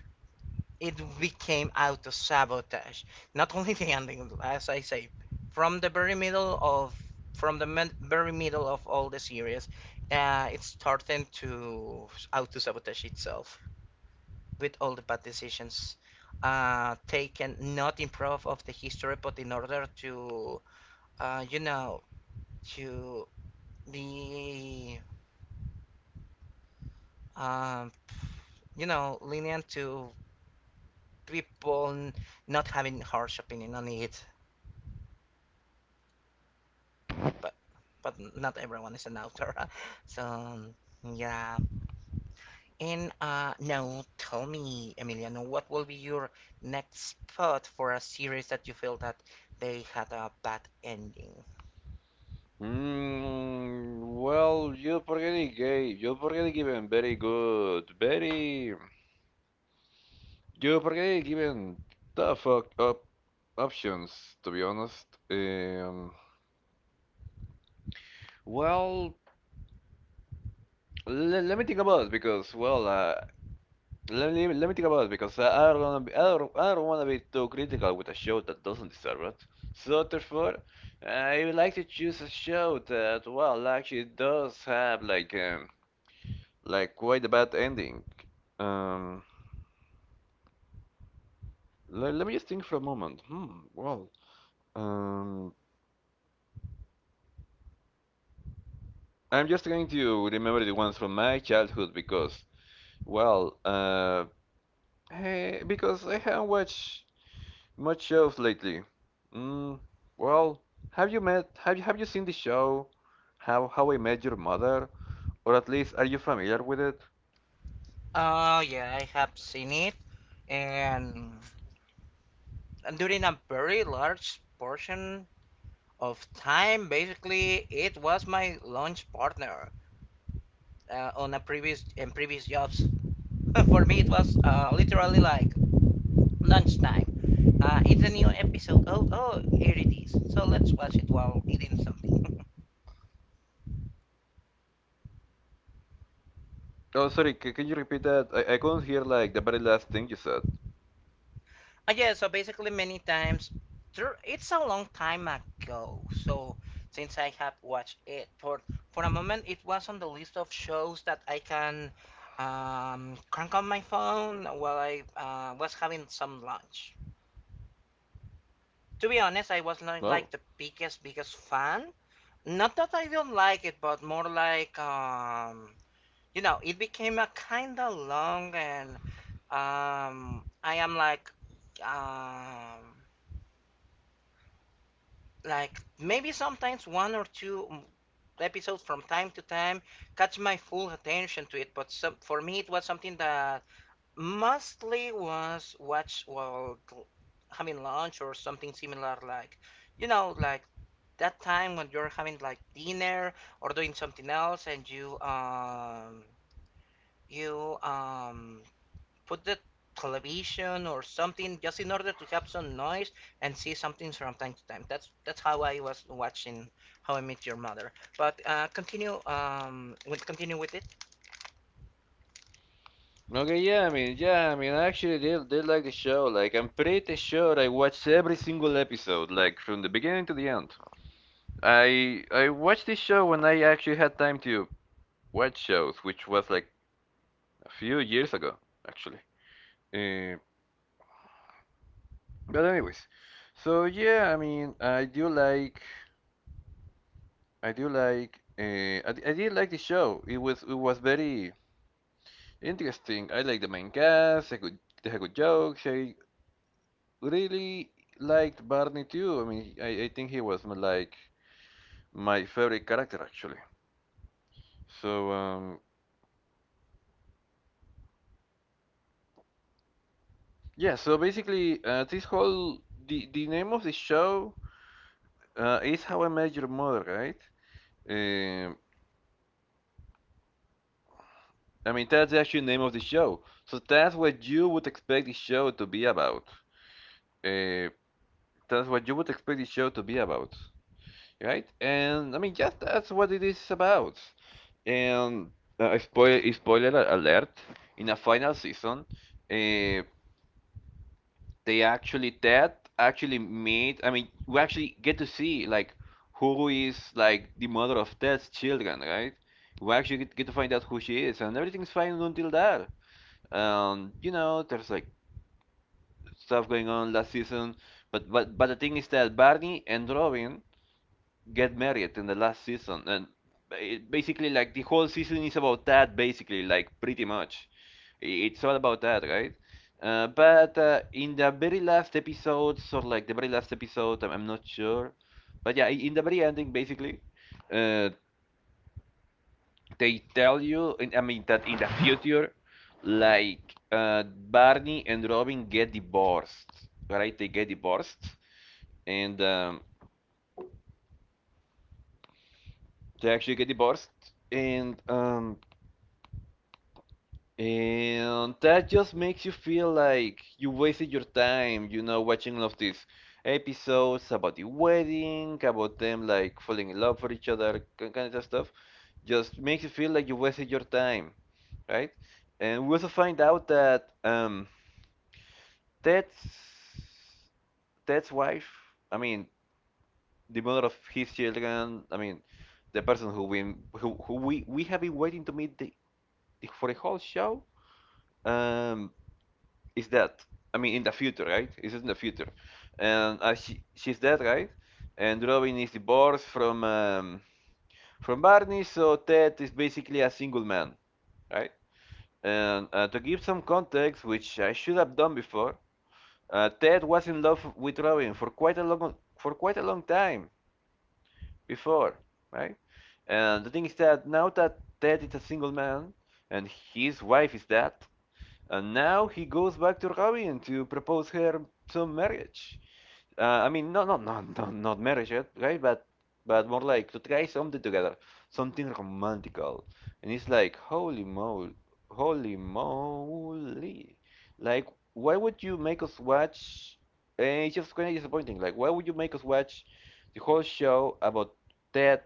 [SPEAKER 2] It became auto sabotage. Not only the ending, as I say, from the very middle of very middle of all the series, it's starting to auto sabotage itself with all the bad decisions taken, not in proof of the history, but in order to uh, you know, to be, um, lenient to people not having harsh opinion on it. But but not everyone is an author, so yeah. And now tell me, Emiliano, what will be your next spot for a series that you feel that they had a bad ending?
[SPEAKER 1] Mm, well, you already gave, you already given very, you already given tough op- op- options, to be honest. Well, let me think about it because, well, let me, let me think about it because I don't wanna be, I don't wanna be too critical with a show that doesn't deserve it. So therefore, I would like to choose a show that well actually does have like quite a bad ending. Um, let me just think for a moment. Hmm. Well, um, I'm just going to remember the ones from my childhood because well, hey, because I haven't watched much shows lately. Mm, well, have you seen the show How I Met Your Mother? Or at least are you familiar with it?
[SPEAKER 2] Yeah, I have seen it, and during a very large portion of time basically it was my launch partner on a previous in previous jobs. For me it was literally like lunchtime. It's a new episode. Oh, here it is, so let's watch it while eating something.
[SPEAKER 1] Oh, sorry, c can you repeat that? I couldn't hear like the very last thing you said.
[SPEAKER 2] Yeah, so basically many times, it's a long time ago, so since I have watched it for a moment, it was on the list of shows that I can crank on my phone while I was having some lunch. To be honest, I was not like
[SPEAKER 1] Oh.
[SPEAKER 2] the biggest fan. Not that I don't like it, but more like, you know, it became a kind of long, and I am um, like maybe sometimes one or two episodes from time to time catch my full attention to it, but some, for me it was something that mostly was watched while having lunch or something similar, like, you know, like that time when you're having like dinner or doing something else and you put the television or something just in order to have some noise and see something from time to time. That's how I was watching How I Met Your Mother. But continue with it.
[SPEAKER 1] Okay, yeah, I mean, I actually did like the show. Like, I'm pretty sure I watched every single episode, like from the beginning to the end. I watched this show when I actually had time to watch shows, which was like a few years ago, actually. Uh, But anyways, so yeah, I mean, I do like, I do like, I, d- I did like the show. It was very interesting. I like the main cast. I could They had good jokes. I really liked Barney too. I mean, I think he was my, like my favorite character actually. So yeah. So basically, this whole the name of the show is How I Met Your Mother, right? Um I mean, that's the actual name of the show. So that's what you would expect the show to be about. Uh, that's what you would expect the show to be about, right? And I mean, just that's what it is about. And spoiler alert: in a final season, uh, they actually that actually made. I mean, we actually get to see like who is like the mother of Ted's children, right? We actually get to find out who she is, and everything's fine until that. You know, there's like stuff going on last season, but but the thing is that Barney and Robin get married in the last season, and it basically like the whole season is about that. Basically, like pretty much, it's all about that, right? But in the very last episode, or like the very last episode, I'm not sure, but yeah, in the very ending, basically, uh, they tell you I mean that in the future like uh, barney and robin get divorced right they get divorced and they actually get divorced and and that just makes you feel like you wasted your time you know watching all of these episodes about the wedding about them like falling in love for each other kind of stuff just makes you feel like you wasted your time right and we also find out that Ted's Ted's wife, I mean, the mother of his children, I mean, the person who we have been waiting to meet for the whole show, um, is that? I mean, in the future, right? Is in the future, and she's dead, right? And Robin is divorced from Barney, so Ted is basically a single man, right? And to give some context, which I should have done before, Ted was in love with Robin for quite a long time before, right? And the thing is that now that Ted is a single man and his wife is dead, and now he goes back to Robin to propose her some marriage. I mean, no, no, no, no, not marriage, yet, right? But more like to try something together, something romantical. And it's like, holy moly, holy moly. Like, why would you make us watch? It's just kind of disappointing. Like, why would you make us watch the whole show about Ted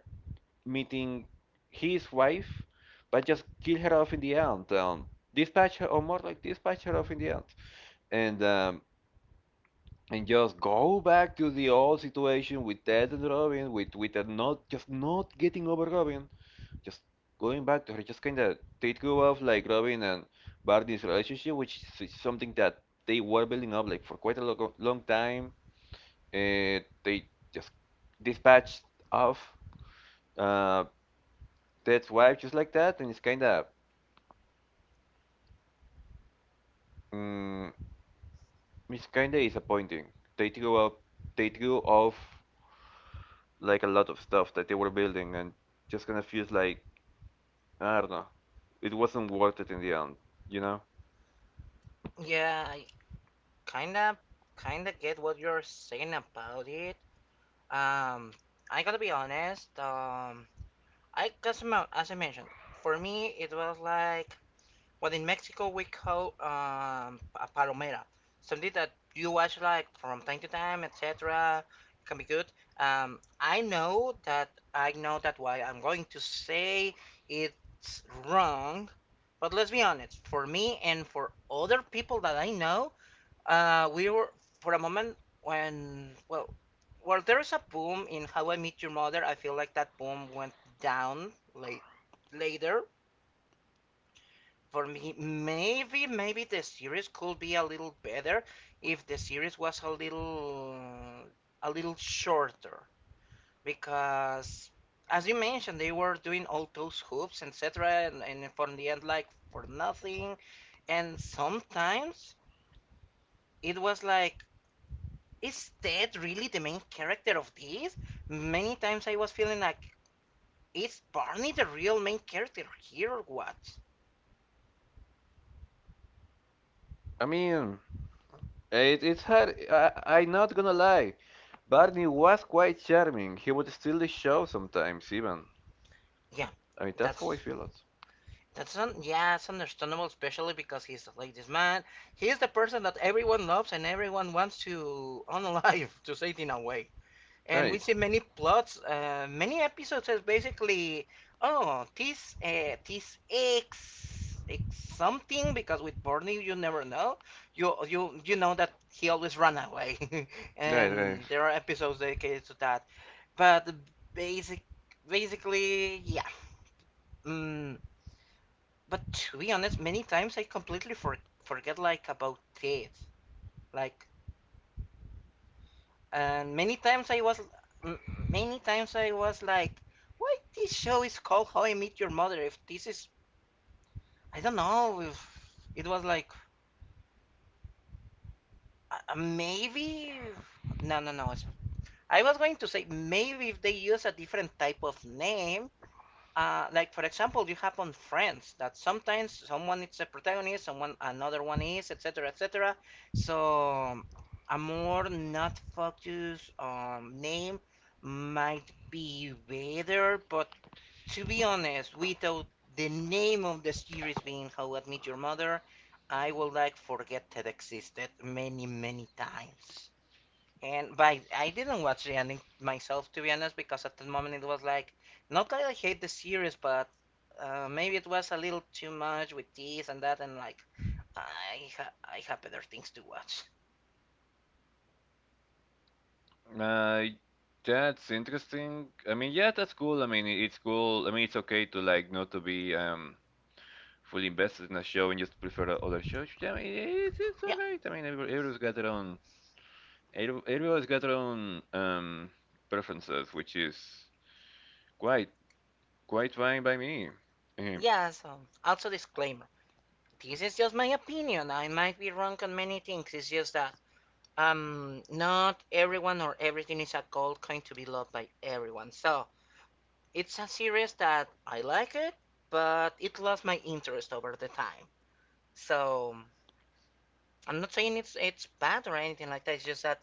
[SPEAKER 1] meeting his wife, but just kill her off in the end. Dispatch her, or more like dispatch her off in the end, and and just go back to the old situation with Ted and Robin, with her not just not getting over Robin, just going back to her, just kind of take you off like Robin and Barney's relationship, which is something that they were building up like for quite a lo- long time. They just dispatched off uh, Ted's wife just like that, and it's kind of Mm, it's kinda disappointing. They threw up, they threw off like a lot of stuff that they were building, and just kind of feels like I don't know, it wasn't worth it in the end, you know?
[SPEAKER 2] Yeah, I kinda kinda get what you're saying about it. Um, I gotta be honest. I cause as I mentioned, for me it was like what in Mexico we call a palomera, something that you watch like from time to time, etc. Can be good. I know that why I'm going to say it's wrong, but let's be honest. For me and for other people that I know, we were for a moment when well there is a boom in How I Met Your Mother. I feel like that boom went down late later for me. Maybe, maybe the series could be a little better if the series was a a little shorter. Because, as you mentioned, they were doing all those hoops, etc., and for the end, like for nothing. And sometimes it was like, is Ted really the main character of this? Many times I was feeling like, is Barney the real main character here or what?
[SPEAKER 1] I mean, it's hard. I'm not gonna lie. Barney was quite charming. He would steal the show sometimes, even.
[SPEAKER 2] Yeah,
[SPEAKER 1] I mean, that's how I
[SPEAKER 2] that's
[SPEAKER 1] feel it.
[SPEAKER 2] that's yeah, it's understandable, especially because he's like this man. He's the person that everyone loves and everyone wants to unalive, to say it in a way. And we
[SPEAKER 1] Right,
[SPEAKER 2] see many plots, many episodes as basically, oh, this, this X something, because with Barney you never know. You know that he always run away,
[SPEAKER 1] right, right.
[SPEAKER 2] and there are episodes dedicated to that. But basic, basically, yeah. Mm, but to be honest, many times I completely forget like about this. Like, and many times I was like, why this show is called How I Met Your Mother? If this is, I don't know if it was like maybe. No, no, no. I was going to say maybe if they use a different type of name, like for example you have on Friends that sometimes someone is a protagonist, someone another one is, etc., etc. So a more not focused name might be better, but to be honest, without the name of the series being How I Met Your Mother, I would like forget that existed many many times. And but I didn't watch the ending myself to be honest because at the moment it was like not that I hate the series, but maybe it was a little too much with this and that, and like I have better things to watch.
[SPEAKER 1] Uh, that's interesting. I mean, yeah, that's cool. I mean, it's cool. I mean, it's okay to like not to be fully invested in a show and just prefer other shows. I mean, it's
[SPEAKER 2] Yeah,
[SPEAKER 1] alright. I mean, everyone's got their own, everyone's got their own preferences, which is quite quite fine by me. Eh,
[SPEAKER 2] yeah. So also disclaimer: this is just my opinion. I might be wrong on many things. It's just that not everyone or everything is a gold coin to be loved by everyone. So it's a series that I like it, but it lost my interest over the time. So I'm not saying it's bad or anything like that. It's just that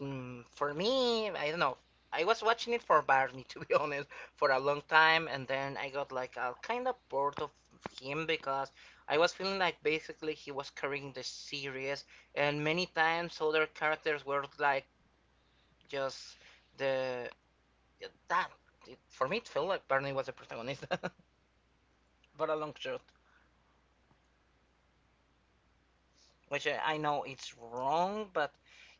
[SPEAKER 2] mm, for me, I don't know. I was watching it for Barney to be honest for a long time, and then I got like kind of bored of him because I was feeling like basically he was carrying the series, and many times other characters were like just the that. It, for me, it felt like Barney was the protagonist, for a long shot, which I know it's wrong, but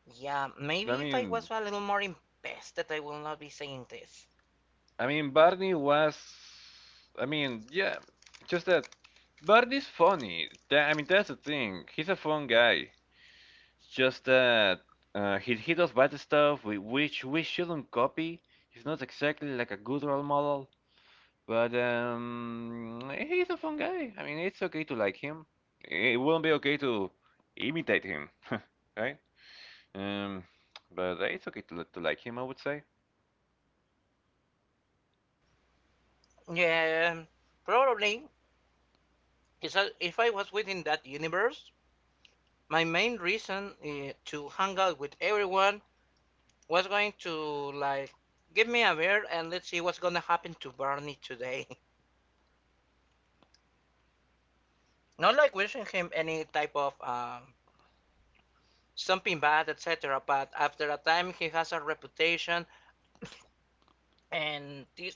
[SPEAKER 2] yeah,
[SPEAKER 1] I
[SPEAKER 2] maybe if I was
[SPEAKER 1] mean,
[SPEAKER 2] a little more invested, I will not be saying this.
[SPEAKER 1] I mean, Barney was, I mean, yeah, just that Barney's funny. I mean, that's the thing. He's a fun guy. Just that he does bad stuff, which we shouldn't copy. He's not exactly like a good role model. But he's a fun guy. I mean, it's okay to like him. It wouldn't be okay to imitate him, right? Um, but it's okay to like him, I would say.
[SPEAKER 2] Yeah, probably. If I was within that universe, my main reason to hang out with everyone was going to like give me a beer and let's see what's gonna happen to Barney today. Not like wishing him any type of something bad, etc. But after a time, he has a reputation, and this.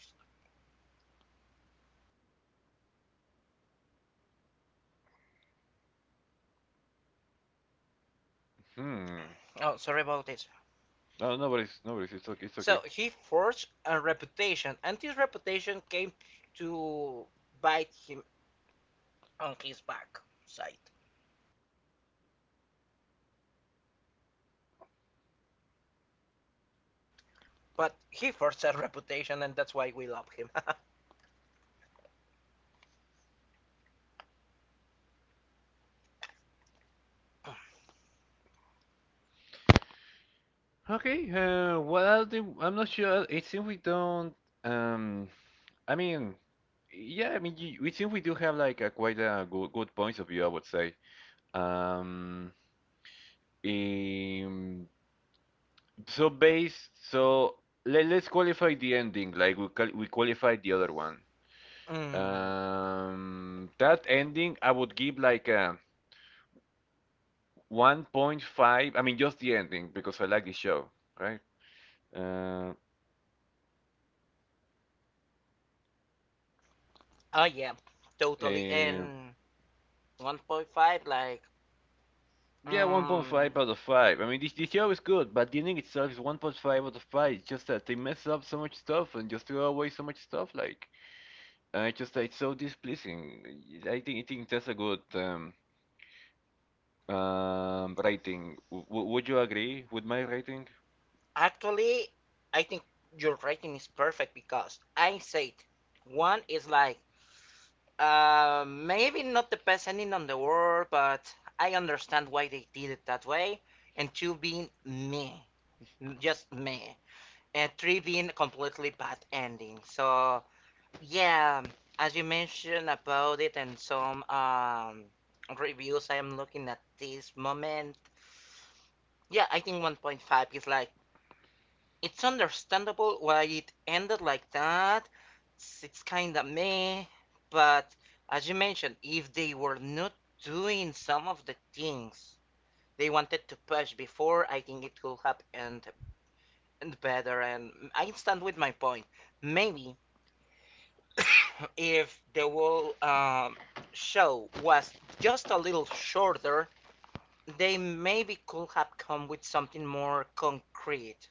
[SPEAKER 1] Hmm.
[SPEAKER 2] Oh, sorry about this.
[SPEAKER 1] No, nobody's. It's okay. It's okay.
[SPEAKER 2] So he forged a reputation, and this reputation came to bite him on his backside. But he forged a reputation, and that's why we love him.
[SPEAKER 1] Okay. What else? I'm not sure. It seems we don't. Um, I mean, yeah. It seems we do have like a quite a good, good points of view, I would say. Um, um, So based, so let's qualify the ending, like we qualified the other one.
[SPEAKER 2] Mm,
[SPEAKER 1] That ending I would give like a 1.5. I mean, just the ending because I like the show, right? Uh,
[SPEAKER 2] oh yeah, totally.
[SPEAKER 1] eh,
[SPEAKER 2] And 1.5, like,
[SPEAKER 1] yeah,
[SPEAKER 2] mm,
[SPEAKER 1] 1.5 out of 5. I mean, this the show is good, but the ending itself is 1.5 out of 5. It's just that they mess up so much stuff and just throw away so much stuff. Like, it's just it's so displeasing. I think that's a good rating. Would you agree with my rating?
[SPEAKER 2] actually, I think your rating is perfect because I said one is like maybe not the best ending on the world, but I understand why they did it that way. And two being me, just me, and three being completely bad ending. So yeah, as you mentioned about it and some reviews I am looking at this moment. Yeah, I think 1.5 is like it's understandable why it ended like that. It's kind of meh, but as you mentioned, if they were not doing some of the things they wanted to push before, I think it could have ended better. And I stand with my point. Maybe if the whole show was just a little shorter, they maybe could have come with something more concrete,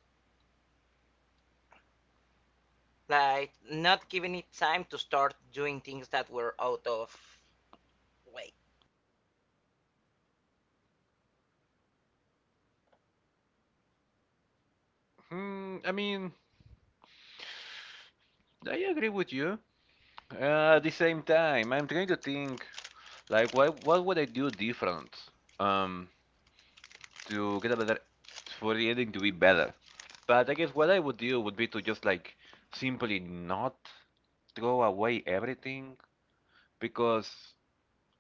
[SPEAKER 2] like not giving it time to start doing things that were out of way.
[SPEAKER 1] I mean, I agree with you. At the same time, I'm trying to think like what would I do different um to get a better for the ending to be better. But I guess what I would do would be to just like simply not throw away everything because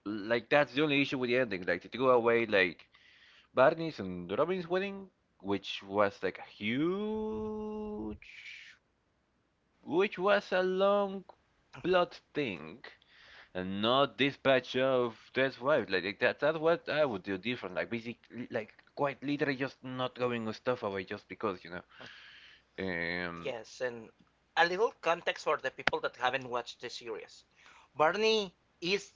[SPEAKER 1] like that's the only issue with the ending. Like to throw away like Barney's and Robin's wedding, which was like a huge, which was a long plot thing, and not dispatch of Death's wife. That's what I would do different. Like basically, like quite literally, just not going stuff away just because you know. Um.
[SPEAKER 2] Yes, and a little context for the people that haven't watched the series. Barney is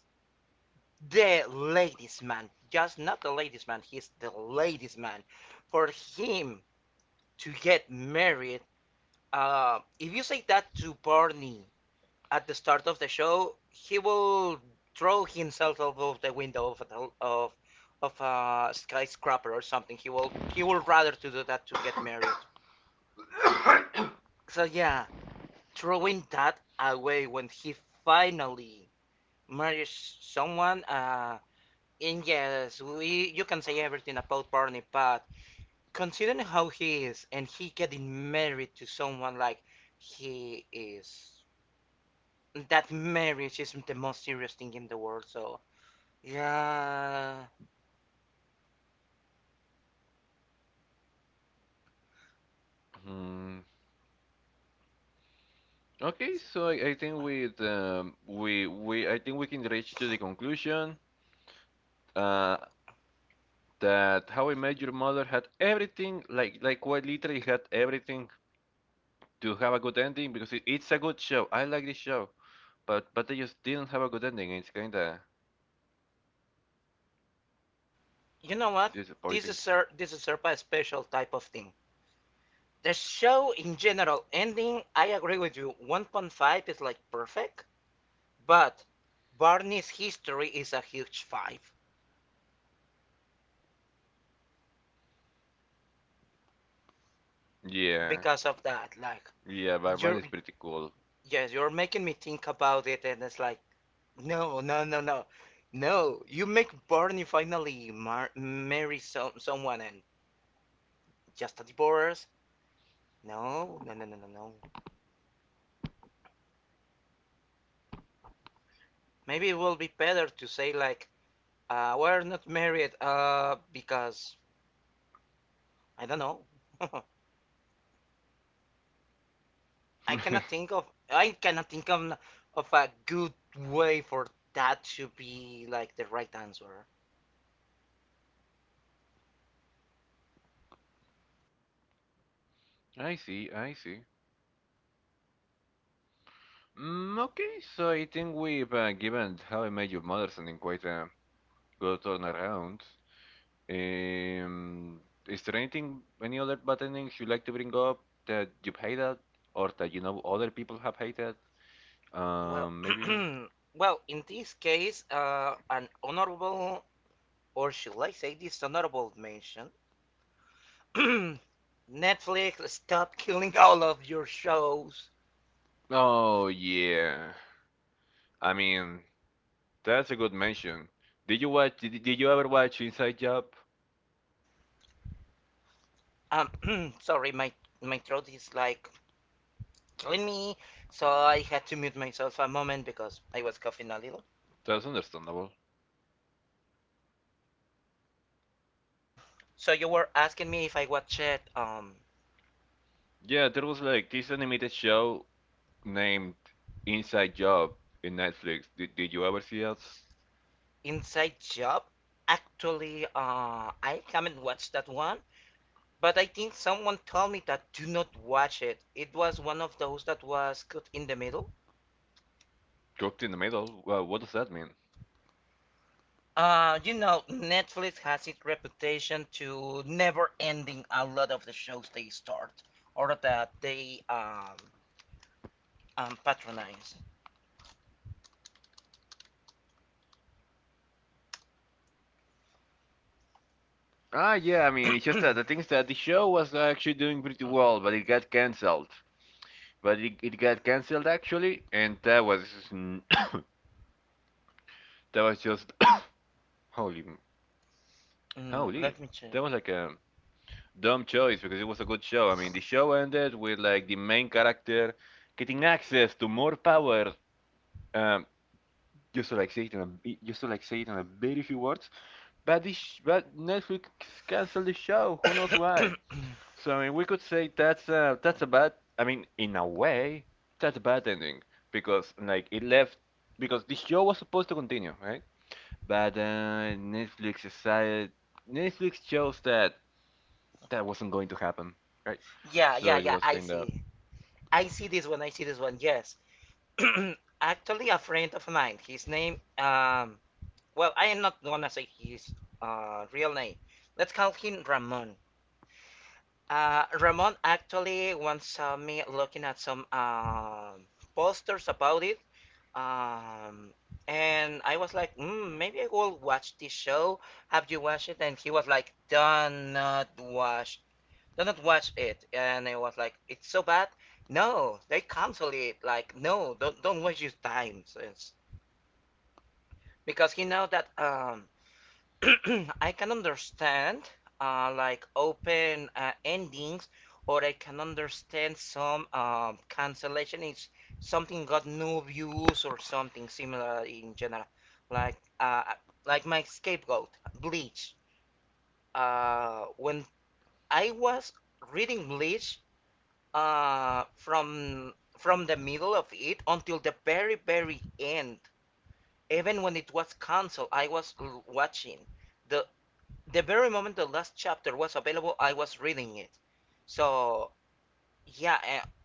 [SPEAKER 2] the ladies' man, just not the ladies' man, he's the ladies' man. For him to get married, if you say that to Barney at the start of the show, he will throw himself out of the window of of a skyscraper or something. He will rather to do that to get married. So yeah, throwing that away when he finally marries someone. And yes, we you can say everything about Barney, but considering how he is and he getting married to someone like he is, that marriage isn't the most serious thing in the world. So yeah.
[SPEAKER 1] Hmm. Okay, so I think with we I think we can reach to the conclusion. Uh, that How I Met Your Mother had everything, quite literally had everything to have a good ending because it's a good show. I like this show, but they just didn't have a good ending. It's kinda
[SPEAKER 2] You know what? This is
[SPEAKER 1] disappointing.
[SPEAKER 2] this is Serpa a special type of thing. The show in general ending, I agree with you. 1.5 is like perfect, but Barney's history is a huge five
[SPEAKER 1] Yeah,
[SPEAKER 2] because of that. Like
[SPEAKER 1] yeah, but one
[SPEAKER 2] you're
[SPEAKER 1] is pretty cool.
[SPEAKER 2] yes, you're making me think about it, and it's like no, no, no, no, no. You make Barney finally marry someone and just a divorce. No, no, no, no, no, no. Maybe it will be better to say like we're not married because I don't know. I cannot think of a good way for that to be like the right answer.
[SPEAKER 1] I see, I see. Mm, okay, so I think we've given How I Met Your Mother something quite a good turnaround. Um, is there anything, any other buttonings you like to bring up that you've hated or that you know other people have hated?
[SPEAKER 2] Well,
[SPEAKER 1] Maybe.
[SPEAKER 2] well, in this case, an honorable or should I say dishonorable mention. Netflix, stop killing all of your shows.
[SPEAKER 1] Oh yeah. I mean, that's a good mention. Did you watch? Did you ever watch Inside Job?
[SPEAKER 2] Sorry, my throat is like in me. So I had to mute myself a moment because I was coughing a little.
[SPEAKER 1] That's understandable.
[SPEAKER 2] So you were asking me if I watched um
[SPEAKER 1] Yeah, there was like this animated show named Inside Job in Netflix. Did you ever see it?
[SPEAKER 2] Inside Job. Actually, I haven't watched that one, but I think someone told me that do not watch it. It was one of those that was cut in the middle.
[SPEAKER 1] Cooked in the middle? Well, what does that mean?
[SPEAKER 2] You know, Netflix has its reputation to never ending a lot of the shows they start or that they patronize.
[SPEAKER 1] Ah, yeah, I mean, it's just that the thing is that the show was actually doing pretty well, but it got canceled. It got canceled actually, and that was n- that was just holy, m-
[SPEAKER 2] Mm,
[SPEAKER 1] holy,
[SPEAKER 2] let me check.
[SPEAKER 1] that was like a dumb choice because it was a good show. I mean, the show ended with like the main character getting access to more power. Um, just to like say it in a very few words. But Netflix canceled the show. Who knows why? So I mean, we could say that's a bad. I mean, in a way, that's a bad ending because like it left because the show was supposed to continue, right? But Netflix chose that that wasn't going to happen, right?
[SPEAKER 2] Yeah,
[SPEAKER 1] So
[SPEAKER 2] yeah,
[SPEAKER 1] it
[SPEAKER 2] yeah.
[SPEAKER 1] was
[SPEAKER 2] I
[SPEAKER 1] kind of.
[SPEAKER 2] see. I see this one. I see this one. Yes. Actually, a friend of mine. His name. Well, I am not gonna say his real name. Let's call him Ramon. Ramon actually once saw me looking at some posters about it. Um. And I was like, mm, maybe I will watch this show. Have you watched it? And he was like, do not watch did not watch it, and I was like, it's so bad. No, they cancel it. Like, no, don't waste your time, sis. Because you know that I can understand like open endings, or I can understand some cancellation is something got no views or something similar in general. Like uh like my scapegoat, Bleach. When I was reading Bleach. From the middle of it until the very very end, even when it was canceled, I was watching the the very moment the last chapter was available, I was reading it. So yeah,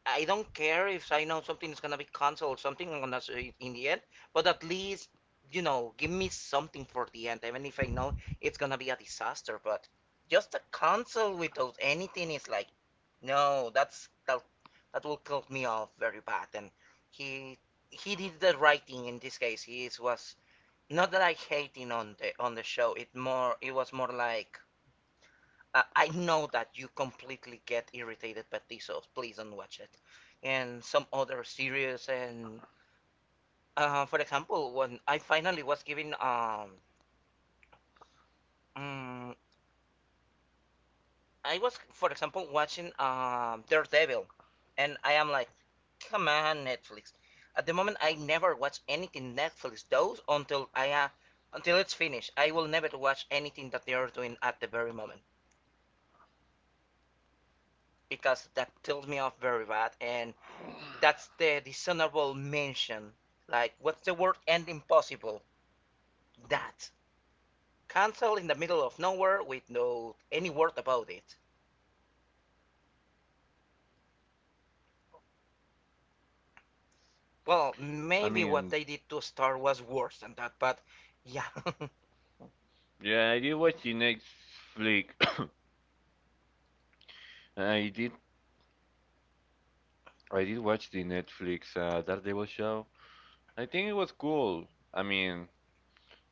[SPEAKER 2] I don't care if I know something is gonna be canceled, or something I'm gonna say it in the end, but at least, you know, give me something for the end, even if I know it's gonna be a disaster. But just a cancel without anything is like, no, that will cut me off very bad. And he he did the writing in this case. Was not that I hating on the show. It was more like I know that you completely get irritated by this, so please don't watch it. And some other series, and for example, when I finally was giving, mm, I was, for example, watching Daredevil, and I am like, come on, Netflix. At the moment, I never watch anything Netflix does until I until it's finished. I will never watch anything that they are doing at the very moment because that tills me off very bad, and that's the dishonorable mention. Like, what's the word? And impossible. That. Cancel in the middle of nowhere with no any word about it. Well,
[SPEAKER 1] I
[SPEAKER 2] maybe what
[SPEAKER 1] mean,
[SPEAKER 2] they did to Star was worse than that, but yeah,
[SPEAKER 1] yeah, I did watch the Netflix. I did I did watch the Netflix Daredevil show. I think it was cool. I mean,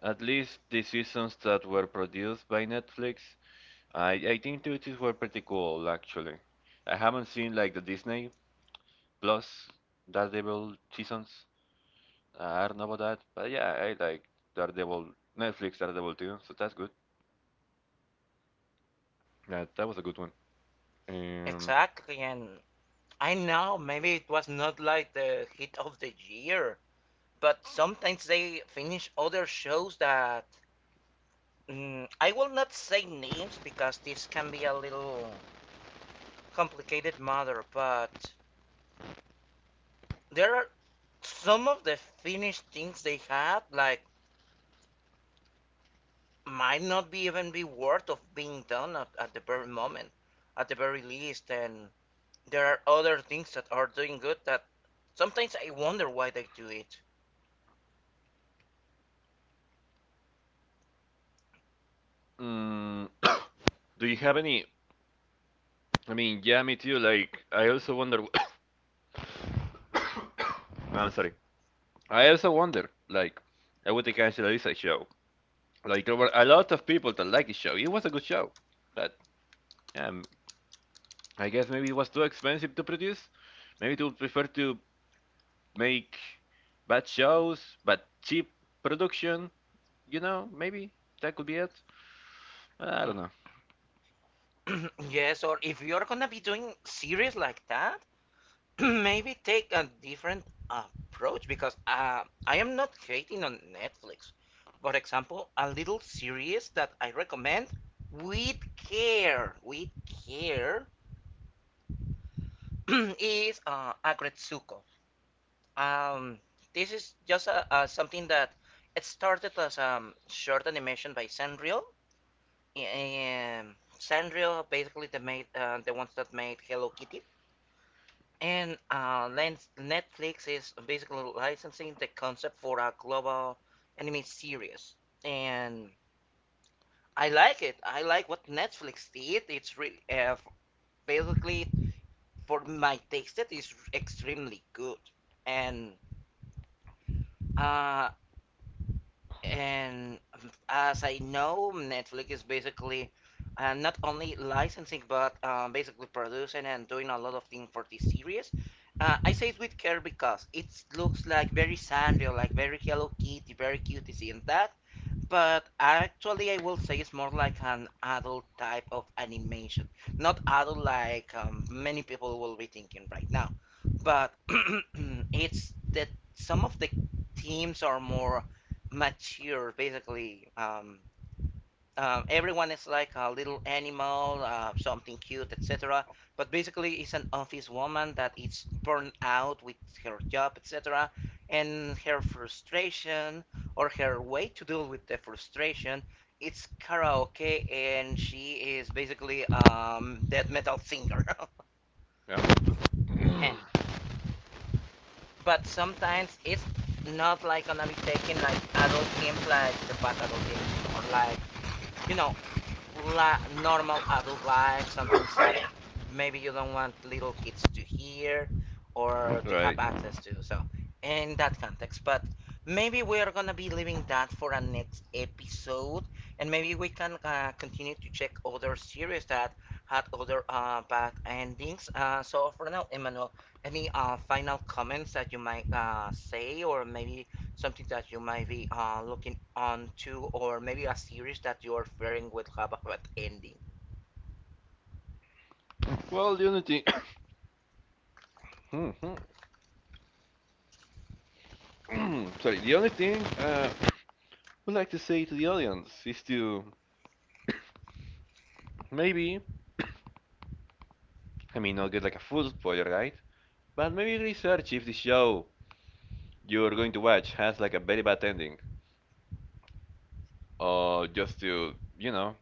[SPEAKER 1] at least the seasons that were produced by Netflix I think those were pretty cool actually. I haven't seen like the Disney Plus Daredevil seasons. I don't know about that, but yeah, I like Daredevil Netflix Daredevil too, so that's good. Yeah, that was a good one. Um,
[SPEAKER 2] exactly. And I know maybe it was not like the hit of the year, but sometimes they finish other shows that mm, I will not say names because this can be a little complicated matter, but there are some of the finished things they have like might not be even be worth of being done at the very moment at the very least, and there are other things that are doing good that sometimes I wonder why they do it.
[SPEAKER 1] mm, do you have any? I mean, yeah, me too. Like, I also wonder. I'm sorry. I also wonder, like, I would cancel this show. Like, there were a lot of people that liked the show. It was a good show, but um, I guess maybe it was too expensive to produce. Maybe they would prefer to make bad shows, but cheap production. You know, maybe that could be it. I don't know.
[SPEAKER 2] Yes, or if you're gonna be doing series like that, maybe take a different approach because I am not hating on Netflix. For example, a little series that I recommend with care, is Agretsuko. Um, this is just a, something that it started as a short animation by Sanrio. Sanrio basically they made the ones that made Hello Kitty. And Netflix is basically licensing the concept for a global anime series, and I like it. I like what Netflix did. It's really basically for my taste, it is extremely good, and uh, And as I know, Netflix is basically not only licensing but basically producing and doing a lot of things for this series. I say it with care because it looks like very sandy, like very Hello Kitty, very cutesy, and that, but actually I will say it's more like an adult type of animation. Not adult like many people will be thinking right now, but it's that some of the themes are more mature, basically. Everyone is like a little animal, something cute, etc. But basically, it's an office woman that is burned out with her job, etc. And her frustration, or her way to deal with the frustration, it's karaoke, and she is basically death metal singer.
[SPEAKER 1] Yeah.
[SPEAKER 2] And but sometimes it's not like gonna be taking like adult themes, like the bad adult themes, more like you know normal adult life, some things that maybe you don't want little kids to hear or to have
[SPEAKER 1] right.
[SPEAKER 2] access to. So, in that context, but maybe we are gonna be leaving that for a next episode, and maybe we can continue to check other series that had other bad endings. So for now, Emmanuel, any final comments that you might say, or maybe something that you might be looking on to, or maybe a series that you're fearing would have a bad ending.
[SPEAKER 1] Well, sorry, the only thing I would like to say to the audience is to maybe, I mean, not get like a full spoiler, right? But maybe research if the show you're going to watch has like a very bad ending, or just to, you know,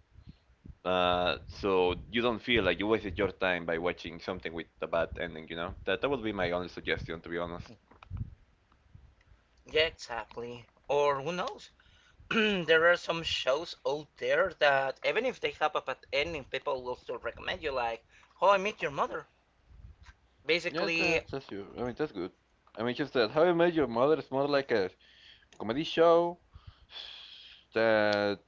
[SPEAKER 1] So you don't feel like you wasted your time by watching something with a bad ending, you know? That that would be my only suggestion, to be honest.
[SPEAKER 2] Yeah, exactly. Or who knows? There are some shows out there that even if they have a bad ending, people will still recommend you, like How I Met Your Mother.
[SPEAKER 1] Yeah,
[SPEAKER 2] Basically,
[SPEAKER 1] that's your. I mean, that's good. I mean, just that How I Met Your Mother is more like a comedy show. That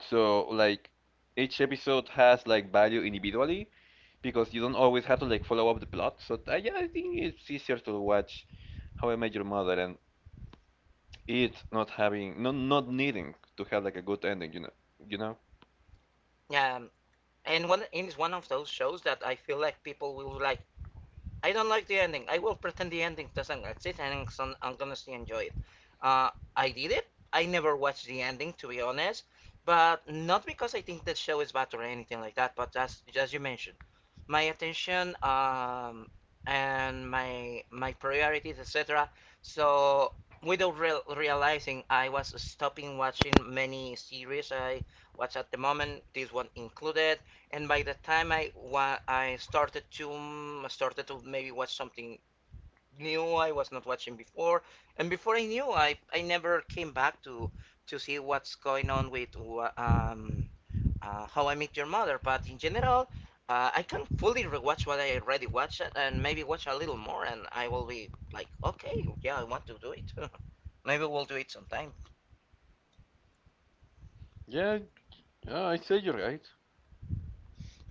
[SPEAKER 1] so like each episode has like value individually because you don't always have to like follow up the plot. So I, yeah, I think it's easier to watch How I Met Your Mother and it not having not needing to have like a good ending. You know, you know.
[SPEAKER 2] um, and one and it's one of those shows that I feel like people will like I don't like the ending. I will pretend the ending doesn't exist, and I'm gonna still enjoy it. Uh, I did it. I never watched the ending, to be honest, but not because I think that show is bad or anything like that. But as you mentioned, my attention and my priorities, etc. So without realizing, I was stopping watching many series I watch at the moment. This one included, and by the time I started to started to maybe watch something new I was not watching before, and before I knew I never came back to see what's going on with um How I Met Your Mother. But in general, I can fully rewatch what I already watched and maybe watch a little more, and I will be like, okay, yeah, I want to do it. Maybe we'll do it sometime.
[SPEAKER 1] Yeah, Yeah, I say you're right.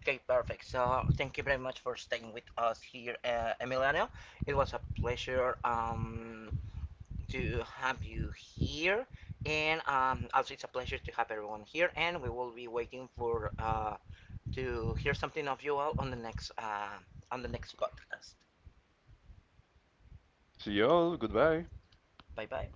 [SPEAKER 2] Okay, perfect. So thank you very much for staying with us here, Emiliano. It was a pleasure to have you here, and also it's a pleasure to have everyone here. And we will be waiting for to hear something of you all on the next podcast.
[SPEAKER 1] See y'all. Goodbye.
[SPEAKER 2] Bye bye.